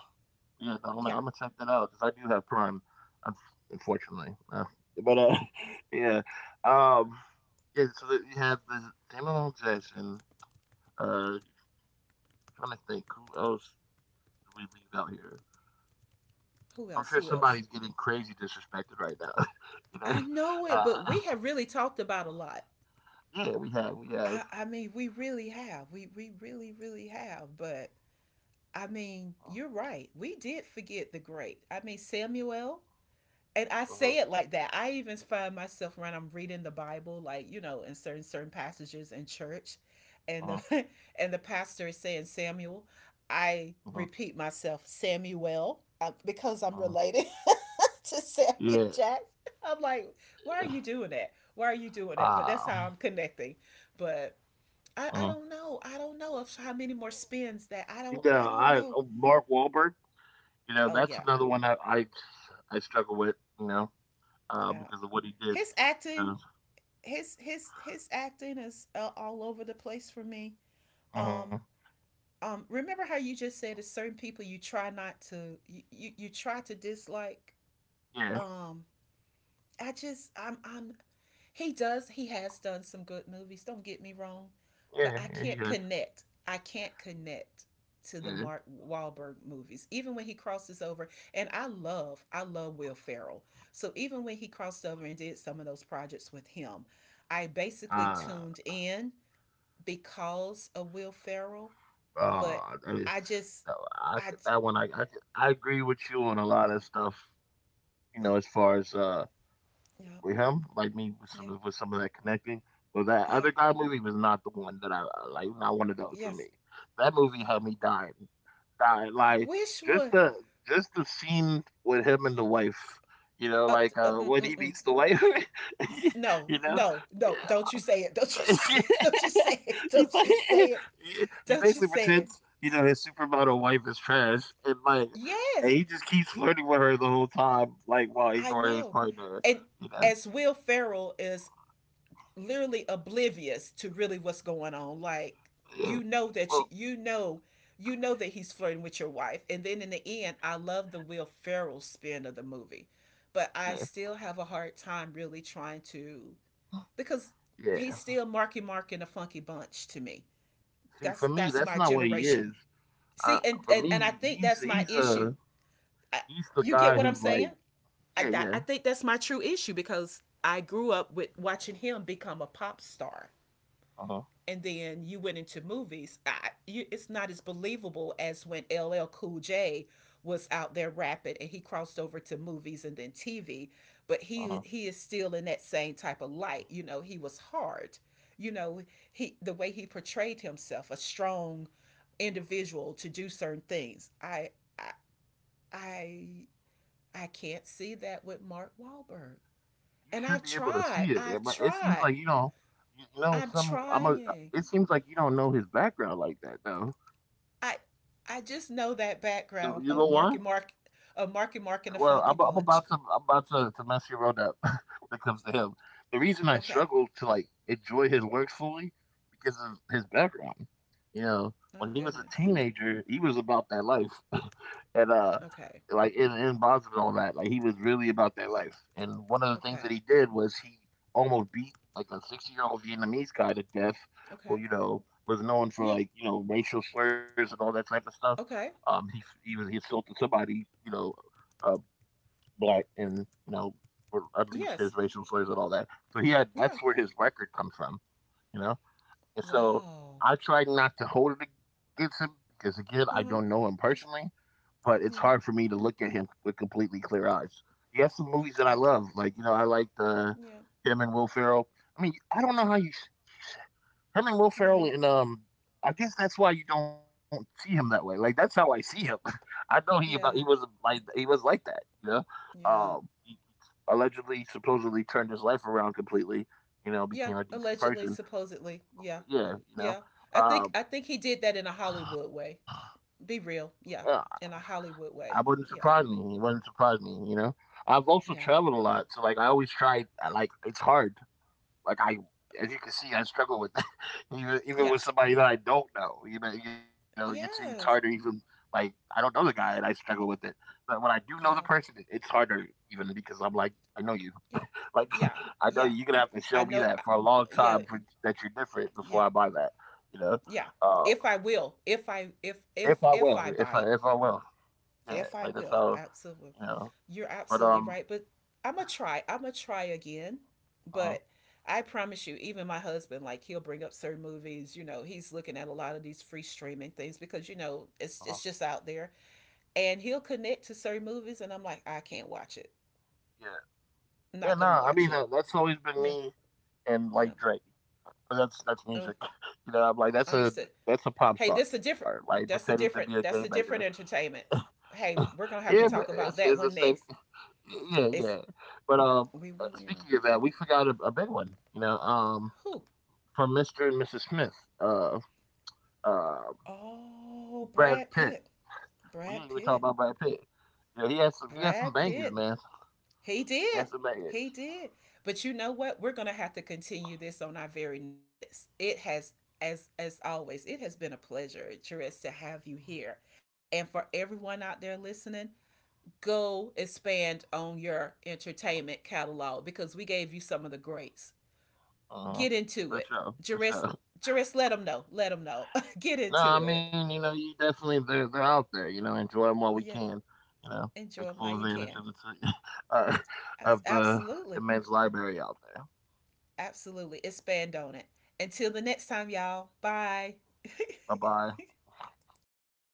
Speaker 2: yeah, no,
Speaker 1: yeah.
Speaker 2: I'm gonna check that out because I do have Prime, un- unfortunately. But yeah, um, yeah. So that you have the Samuel L. Jackson. Uh, Trying to think who else do we leave out here?
Speaker 1: Who
Speaker 2: I'm
Speaker 1: else?
Speaker 2: sure
Speaker 1: Who else?
Speaker 2: somebody's getting crazy disrespected right now. you know,
Speaker 1: I know it, but we
Speaker 2: uh,
Speaker 1: have really talked about a lot.
Speaker 2: yeah, we have, we have.
Speaker 1: I mean, we really have. We really, really have. But I mean, you're right. We did forget the great. I mean, Samuel, and I
Speaker 2: Uh-huh,
Speaker 1: say it like that. I even find myself when I'm reading the Bible, like you know, in certain passages in church, and
Speaker 2: uh-huh,
Speaker 1: the and the pastor is saying Samuel, I
Speaker 2: uh-huh,
Speaker 1: repeat myself Samuel, because I'm
Speaker 2: uh-huh.
Speaker 1: related to Samuel
Speaker 2: Yeah.
Speaker 1: Jackson. I'm like, why are you doing that? Why are you doing that? But that's
Speaker 2: Uh,
Speaker 1: how I'm connecting. But I
Speaker 2: uh-huh.
Speaker 1: don't know. I don't know of how many more spins that
Speaker 2: You know,
Speaker 1: I don't
Speaker 2: I
Speaker 1: know.
Speaker 2: Oh, Mark Wahlberg. You know,
Speaker 1: Oh
Speaker 2: that's
Speaker 1: yeah,
Speaker 2: another one I struggle with. You know,
Speaker 1: yeah.
Speaker 2: because of what he did.
Speaker 1: His
Speaker 2: You
Speaker 1: acting,
Speaker 2: know.
Speaker 1: his acting is all over the place for me.
Speaker 2: Uh-huh.
Speaker 1: Um, remember how you just said there's certain people you try not to you try to dislike.
Speaker 2: Yeah,
Speaker 1: Um, I just I'm he has done some good movies. Don't get me wrong, but
Speaker 2: yeah,
Speaker 1: I
Speaker 2: yeah. He
Speaker 1: can't
Speaker 2: did.
Speaker 1: connect. I can't connect to the
Speaker 2: Yeah.
Speaker 1: Mark Wahlberg movies, even when he crosses over. And I love Will Ferrell. So even when he crossed over and did some of those projects with him, I basically
Speaker 2: Uh,
Speaker 1: tuned in because of Will Ferrell, but
Speaker 2: that is.
Speaker 1: I just,
Speaker 2: No, I
Speaker 1: I,
Speaker 2: that one I agree with you on a lot of stuff. You
Speaker 1: yeah,
Speaker 2: know, as far as
Speaker 1: yeah,
Speaker 2: with him, like me with
Speaker 1: yeah,
Speaker 2: with some of that connecting. But that
Speaker 1: yeah,
Speaker 2: other guy movie was not the one that I like. Not one of those for
Speaker 1: yes.
Speaker 2: me. That movie had me dying, dying. Like
Speaker 1: Which
Speaker 2: just
Speaker 1: one?
Speaker 2: the just the scene with him and the wife. You know,
Speaker 1: Uh,
Speaker 2: like
Speaker 1: mm,
Speaker 2: when
Speaker 1: mm,
Speaker 2: he
Speaker 1: mm.
Speaker 2: meets the wife.
Speaker 1: No,
Speaker 2: you know,
Speaker 1: no, no. Don't
Speaker 2: yeah.
Speaker 1: you say it. Don't you say it. Don't you say it.
Speaker 2: He's
Speaker 1: Don't
Speaker 2: like,
Speaker 1: you say it.
Speaker 2: he
Speaker 1: Don't you
Speaker 2: basically
Speaker 1: say it.
Speaker 2: pretends, you know, his supermodel wife is trash, and like, and
Speaker 1: Yes,
Speaker 2: he just keeps flirting with her the whole time, like while
Speaker 1: I
Speaker 2: ignoring his
Speaker 1: know.
Speaker 2: partner.
Speaker 1: And
Speaker 2: You know.
Speaker 1: as Will Ferrell is literally oblivious to really what's going on. Like
Speaker 2: Yeah.
Speaker 1: you know that
Speaker 2: Well,
Speaker 1: you know that he's flirting with your wife. And then in the end, I love the Will Ferrell spin of the movie, but I
Speaker 2: yeah,
Speaker 1: still have a hard time really trying to because he's
Speaker 2: yeah.
Speaker 1: still Marky Mark in a Funky Bunch to me.
Speaker 2: See, for
Speaker 1: That's
Speaker 2: me,
Speaker 1: that's
Speaker 2: that's
Speaker 1: my
Speaker 2: not what he
Speaker 1: generation.
Speaker 2: is.
Speaker 1: See,
Speaker 2: Uh, for
Speaker 1: and I
Speaker 2: me,
Speaker 1: think that's my issue. I,
Speaker 2: he's the
Speaker 1: you get
Speaker 2: guy
Speaker 1: what I'm
Speaker 2: who like,
Speaker 1: saying? I
Speaker 2: yeah, yeah,
Speaker 1: I think that's my true issue because I grew up with watching him become a pop star,
Speaker 2: uh huh,
Speaker 1: and then you went into movies. It's not as believable as when LL Cool J was out there rapping and he crossed over to movies and then TV. But
Speaker 2: uh
Speaker 1: he
Speaker 2: huh.
Speaker 1: he is still in that same type of light. You know, he was hard. You know, he the way he portrayed himself, a strong individual to do certain things. I I, I can't see that with Mark Wahlberg.
Speaker 2: You
Speaker 1: And
Speaker 2: should
Speaker 1: I've
Speaker 2: be able to
Speaker 1: tried.
Speaker 2: see it, yeah,
Speaker 1: I've
Speaker 2: but it seems
Speaker 1: tried.
Speaker 2: like you don't, you know,
Speaker 1: I'm
Speaker 2: some. I'm a.
Speaker 1: trying.
Speaker 2: It seems like you don't know his background like that, though.
Speaker 1: I I just know that background
Speaker 2: You
Speaker 1: of
Speaker 2: know why?
Speaker 1: Marky Mark, and the Funky
Speaker 2: Well, I'm
Speaker 1: Bunch.
Speaker 2: about to mess your road up when it comes to him. The reason I
Speaker 1: Okay.
Speaker 2: struggle to like enjoy his work fully because of his background. You know,
Speaker 1: Oh
Speaker 2: when he was a
Speaker 1: goodness.
Speaker 2: teenager, he was about that life, and
Speaker 1: Okay.
Speaker 2: like in Bonds and all that. Like he was really about that life. And one of the things
Speaker 1: Okay.
Speaker 2: that he did was he almost beat like a 60 year old Vietnamese guy to death, who
Speaker 1: Okay.
Speaker 2: you know was known for
Speaker 1: Yeah.
Speaker 2: like you know racial slurs and all that type of stuff.
Speaker 1: Okay.
Speaker 2: He assaulted somebody you know, uh, black and you know unleashed his
Speaker 1: Yes.
Speaker 2: racial slurs and all that. So he had
Speaker 1: Yeah.
Speaker 2: that's where his record comes from, you know. And so
Speaker 1: Wow.
Speaker 2: I tried not to hold it against him because again I don't know
Speaker 1: Uh-huh.
Speaker 2: him personally but it's hard for
Speaker 1: Yeah.
Speaker 2: me to look at him with completely clear eyes. He has some movies that I
Speaker 1: I can.
Speaker 2: love, like you know, I like the
Speaker 1: Yeah.
Speaker 2: him and Will Ferrell. I mean, I don't know how him and Will Ferrell,
Speaker 1: Yeah.
Speaker 2: and I guess that's why you don't see him that way. Like that's how I see him. I know he about
Speaker 1: Yeah.
Speaker 2: he was like that, you know.
Speaker 1: Yeah.
Speaker 2: He allegedly, supposedly turned his life around completely. You know, became a
Speaker 1: Yeah.
Speaker 2: decent person.
Speaker 1: Allegedly, supposedly. Yeah.
Speaker 2: Yeah, you know.
Speaker 1: Yeah.
Speaker 2: Um,
Speaker 1: I think he did that in a Hollywood way. Be
Speaker 2: yeah,
Speaker 1: real. Yeah. In a
Speaker 2: I
Speaker 1: Hollywood
Speaker 2: wouldn't
Speaker 1: way.
Speaker 2: surprise me.
Speaker 1: Yeah.
Speaker 2: It wouldn't surprise me, you know. I've also traveled
Speaker 1: Yeah.
Speaker 2: a lot, so like I always tried. I, like it's hard. Like I, as you can see, I struggle with that. even even
Speaker 1: Yeah.
Speaker 2: with somebody that I don't know. You know, you know, it's harder even
Speaker 1: Yes.
Speaker 2: like I don't know the guy and I struggle with it. But when I do know the person,
Speaker 1: Yeah.
Speaker 2: it's harder even because I'm like I know you.
Speaker 1: Yeah.
Speaker 2: Like
Speaker 1: Yeah.
Speaker 2: I know you.
Speaker 1: Yeah.
Speaker 2: You're gonna have to show
Speaker 1: I
Speaker 2: me
Speaker 1: know.
Speaker 2: that for a long
Speaker 1: Yeah.
Speaker 2: time for, that you're different
Speaker 1: Yeah.
Speaker 2: before I buy that. You know,
Speaker 1: Yeah.
Speaker 2: uh,
Speaker 1: If I will,
Speaker 2: if I will,
Speaker 1: if I
Speaker 2: if I
Speaker 1: buy it,
Speaker 2: will, yeah. Like that's
Speaker 1: if I
Speaker 2: how
Speaker 1: will,
Speaker 2: you
Speaker 1: absolutely.
Speaker 2: know
Speaker 1: You're
Speaker 2: but,
Speaker 1: absolutely right. But I'm going to try. I'm going to try again.
Speaker 2: uh-huh,
Speaker 1: But I promise you, even my husband, like he'll bring up certain movies. You know, he's looking at a lot of these free streaming things because you
Speaker 2: uh
Speaker 1: know it's just out there, and he'll connect to certain movies, and I'm like, I can't watch it.
Speaker 2: yeah.
Speaker 1: I'm
Speaker 2: Yeah,
Speaker 1: not gonna
Speaker 2: nah, I mean,
Speaker 1: watch it.
Speaker 2: that's always been
Speaker 1: Yeah,
Speaker 2: me and, like,
Speaker 1: yeah.
Speaker 2: Drake, but that's
Speaker 1: Uh,
Speaker 2: music. You know, I'm like,
Speaker 1: understood.
Speaker 2: that's a pop
Speaker 1: Hey, this
Speaker 2: star,
Speaker 1: a
Speaker 2: like,
Speaker 1: different.
Speaker 2: pretending to be
Speaker 1: That's a
Speaker 2: a game
Speaker 1: different.
Speaker 2: maker.
Speaker 1: That's a different entertainment. Hey, we're
Speaker 2: Yeah,
Speaker 1: gonna
Speaker 2: but
Speaker 1: have to talk
Speaker 2: it's the
Speaker 1: about that
Speaker 2: same.
Speaker 1: one next.
Speaker 2: Yeah, yeah.
Speaker 1: It's
Speaker 2: But,
Speaker 1: we really
Speaker 2: speaking
Speaker 1: are.
Speaker 2: of that, we forgot a big one, you know,
Speaker 1: Who?
Speaker 2: from Mr. and Mrs. Smith, uh, uh,
Speaker 1: Oh,
Speaker 2: Brad
Speaker 1: Brad
Speaker 2: Pitt.
Speaker 1: Pitt.
Speaker 2: We didn't
Speaker 1: Brad
Speaker 2: even talk
Speaker 1: Pitt.
Speaker 2: about Brad Pitt. You know, he has some
Speaker 1: Brad
Speaker 2: bangers,
Speaker 1: Pitt.
Speaker 2: man.
Speaker 1: He
Speaker 2: He had
Speaker 1: did.
Speaker 2: some
Speaker 1: He
Speaker 2: bangers.
Speaker 1: did. But you know what? We're gonna have to continue this on our very next. It has as always, it has been a pleasure, Therese, to have you here. And for everyone out there listening, go expand on your entertainment catalog because we gave you some of the greats.
Speaker 2: Uh-huh.
Speaker 1: Get into
Speaker 2: For
Speaker 1: it.
Speaker 2: sure, for
Speaker 1: Jurist.
Speaker 2: sure.
Speaker 1: Jurist, let them know. Let them know. Get
Speaker 2: No,
Speaker 1: into
Speaker 2: I
Speaker 1: it.
Speaker 2: mean, you know, you definitely they're out there. You know, enjoy them while we
Speaker 1: Yes.
Speaker 2: can. You know,
Speaker 1: Enjoy
Speaker 2: take
Speaker 1: them while
Speaker 2: full
Speaker 1: you
Speaker 2: advantage
Speaker 1: can.
Speaker 2: of the uh, of the
Speaker 1: Absolutely.
Speaker 2: immense library out there.
Speaker 1: Absolutely. Expand on it. Until the next time, y'all. Bye.
Speaker 2: Bye bye.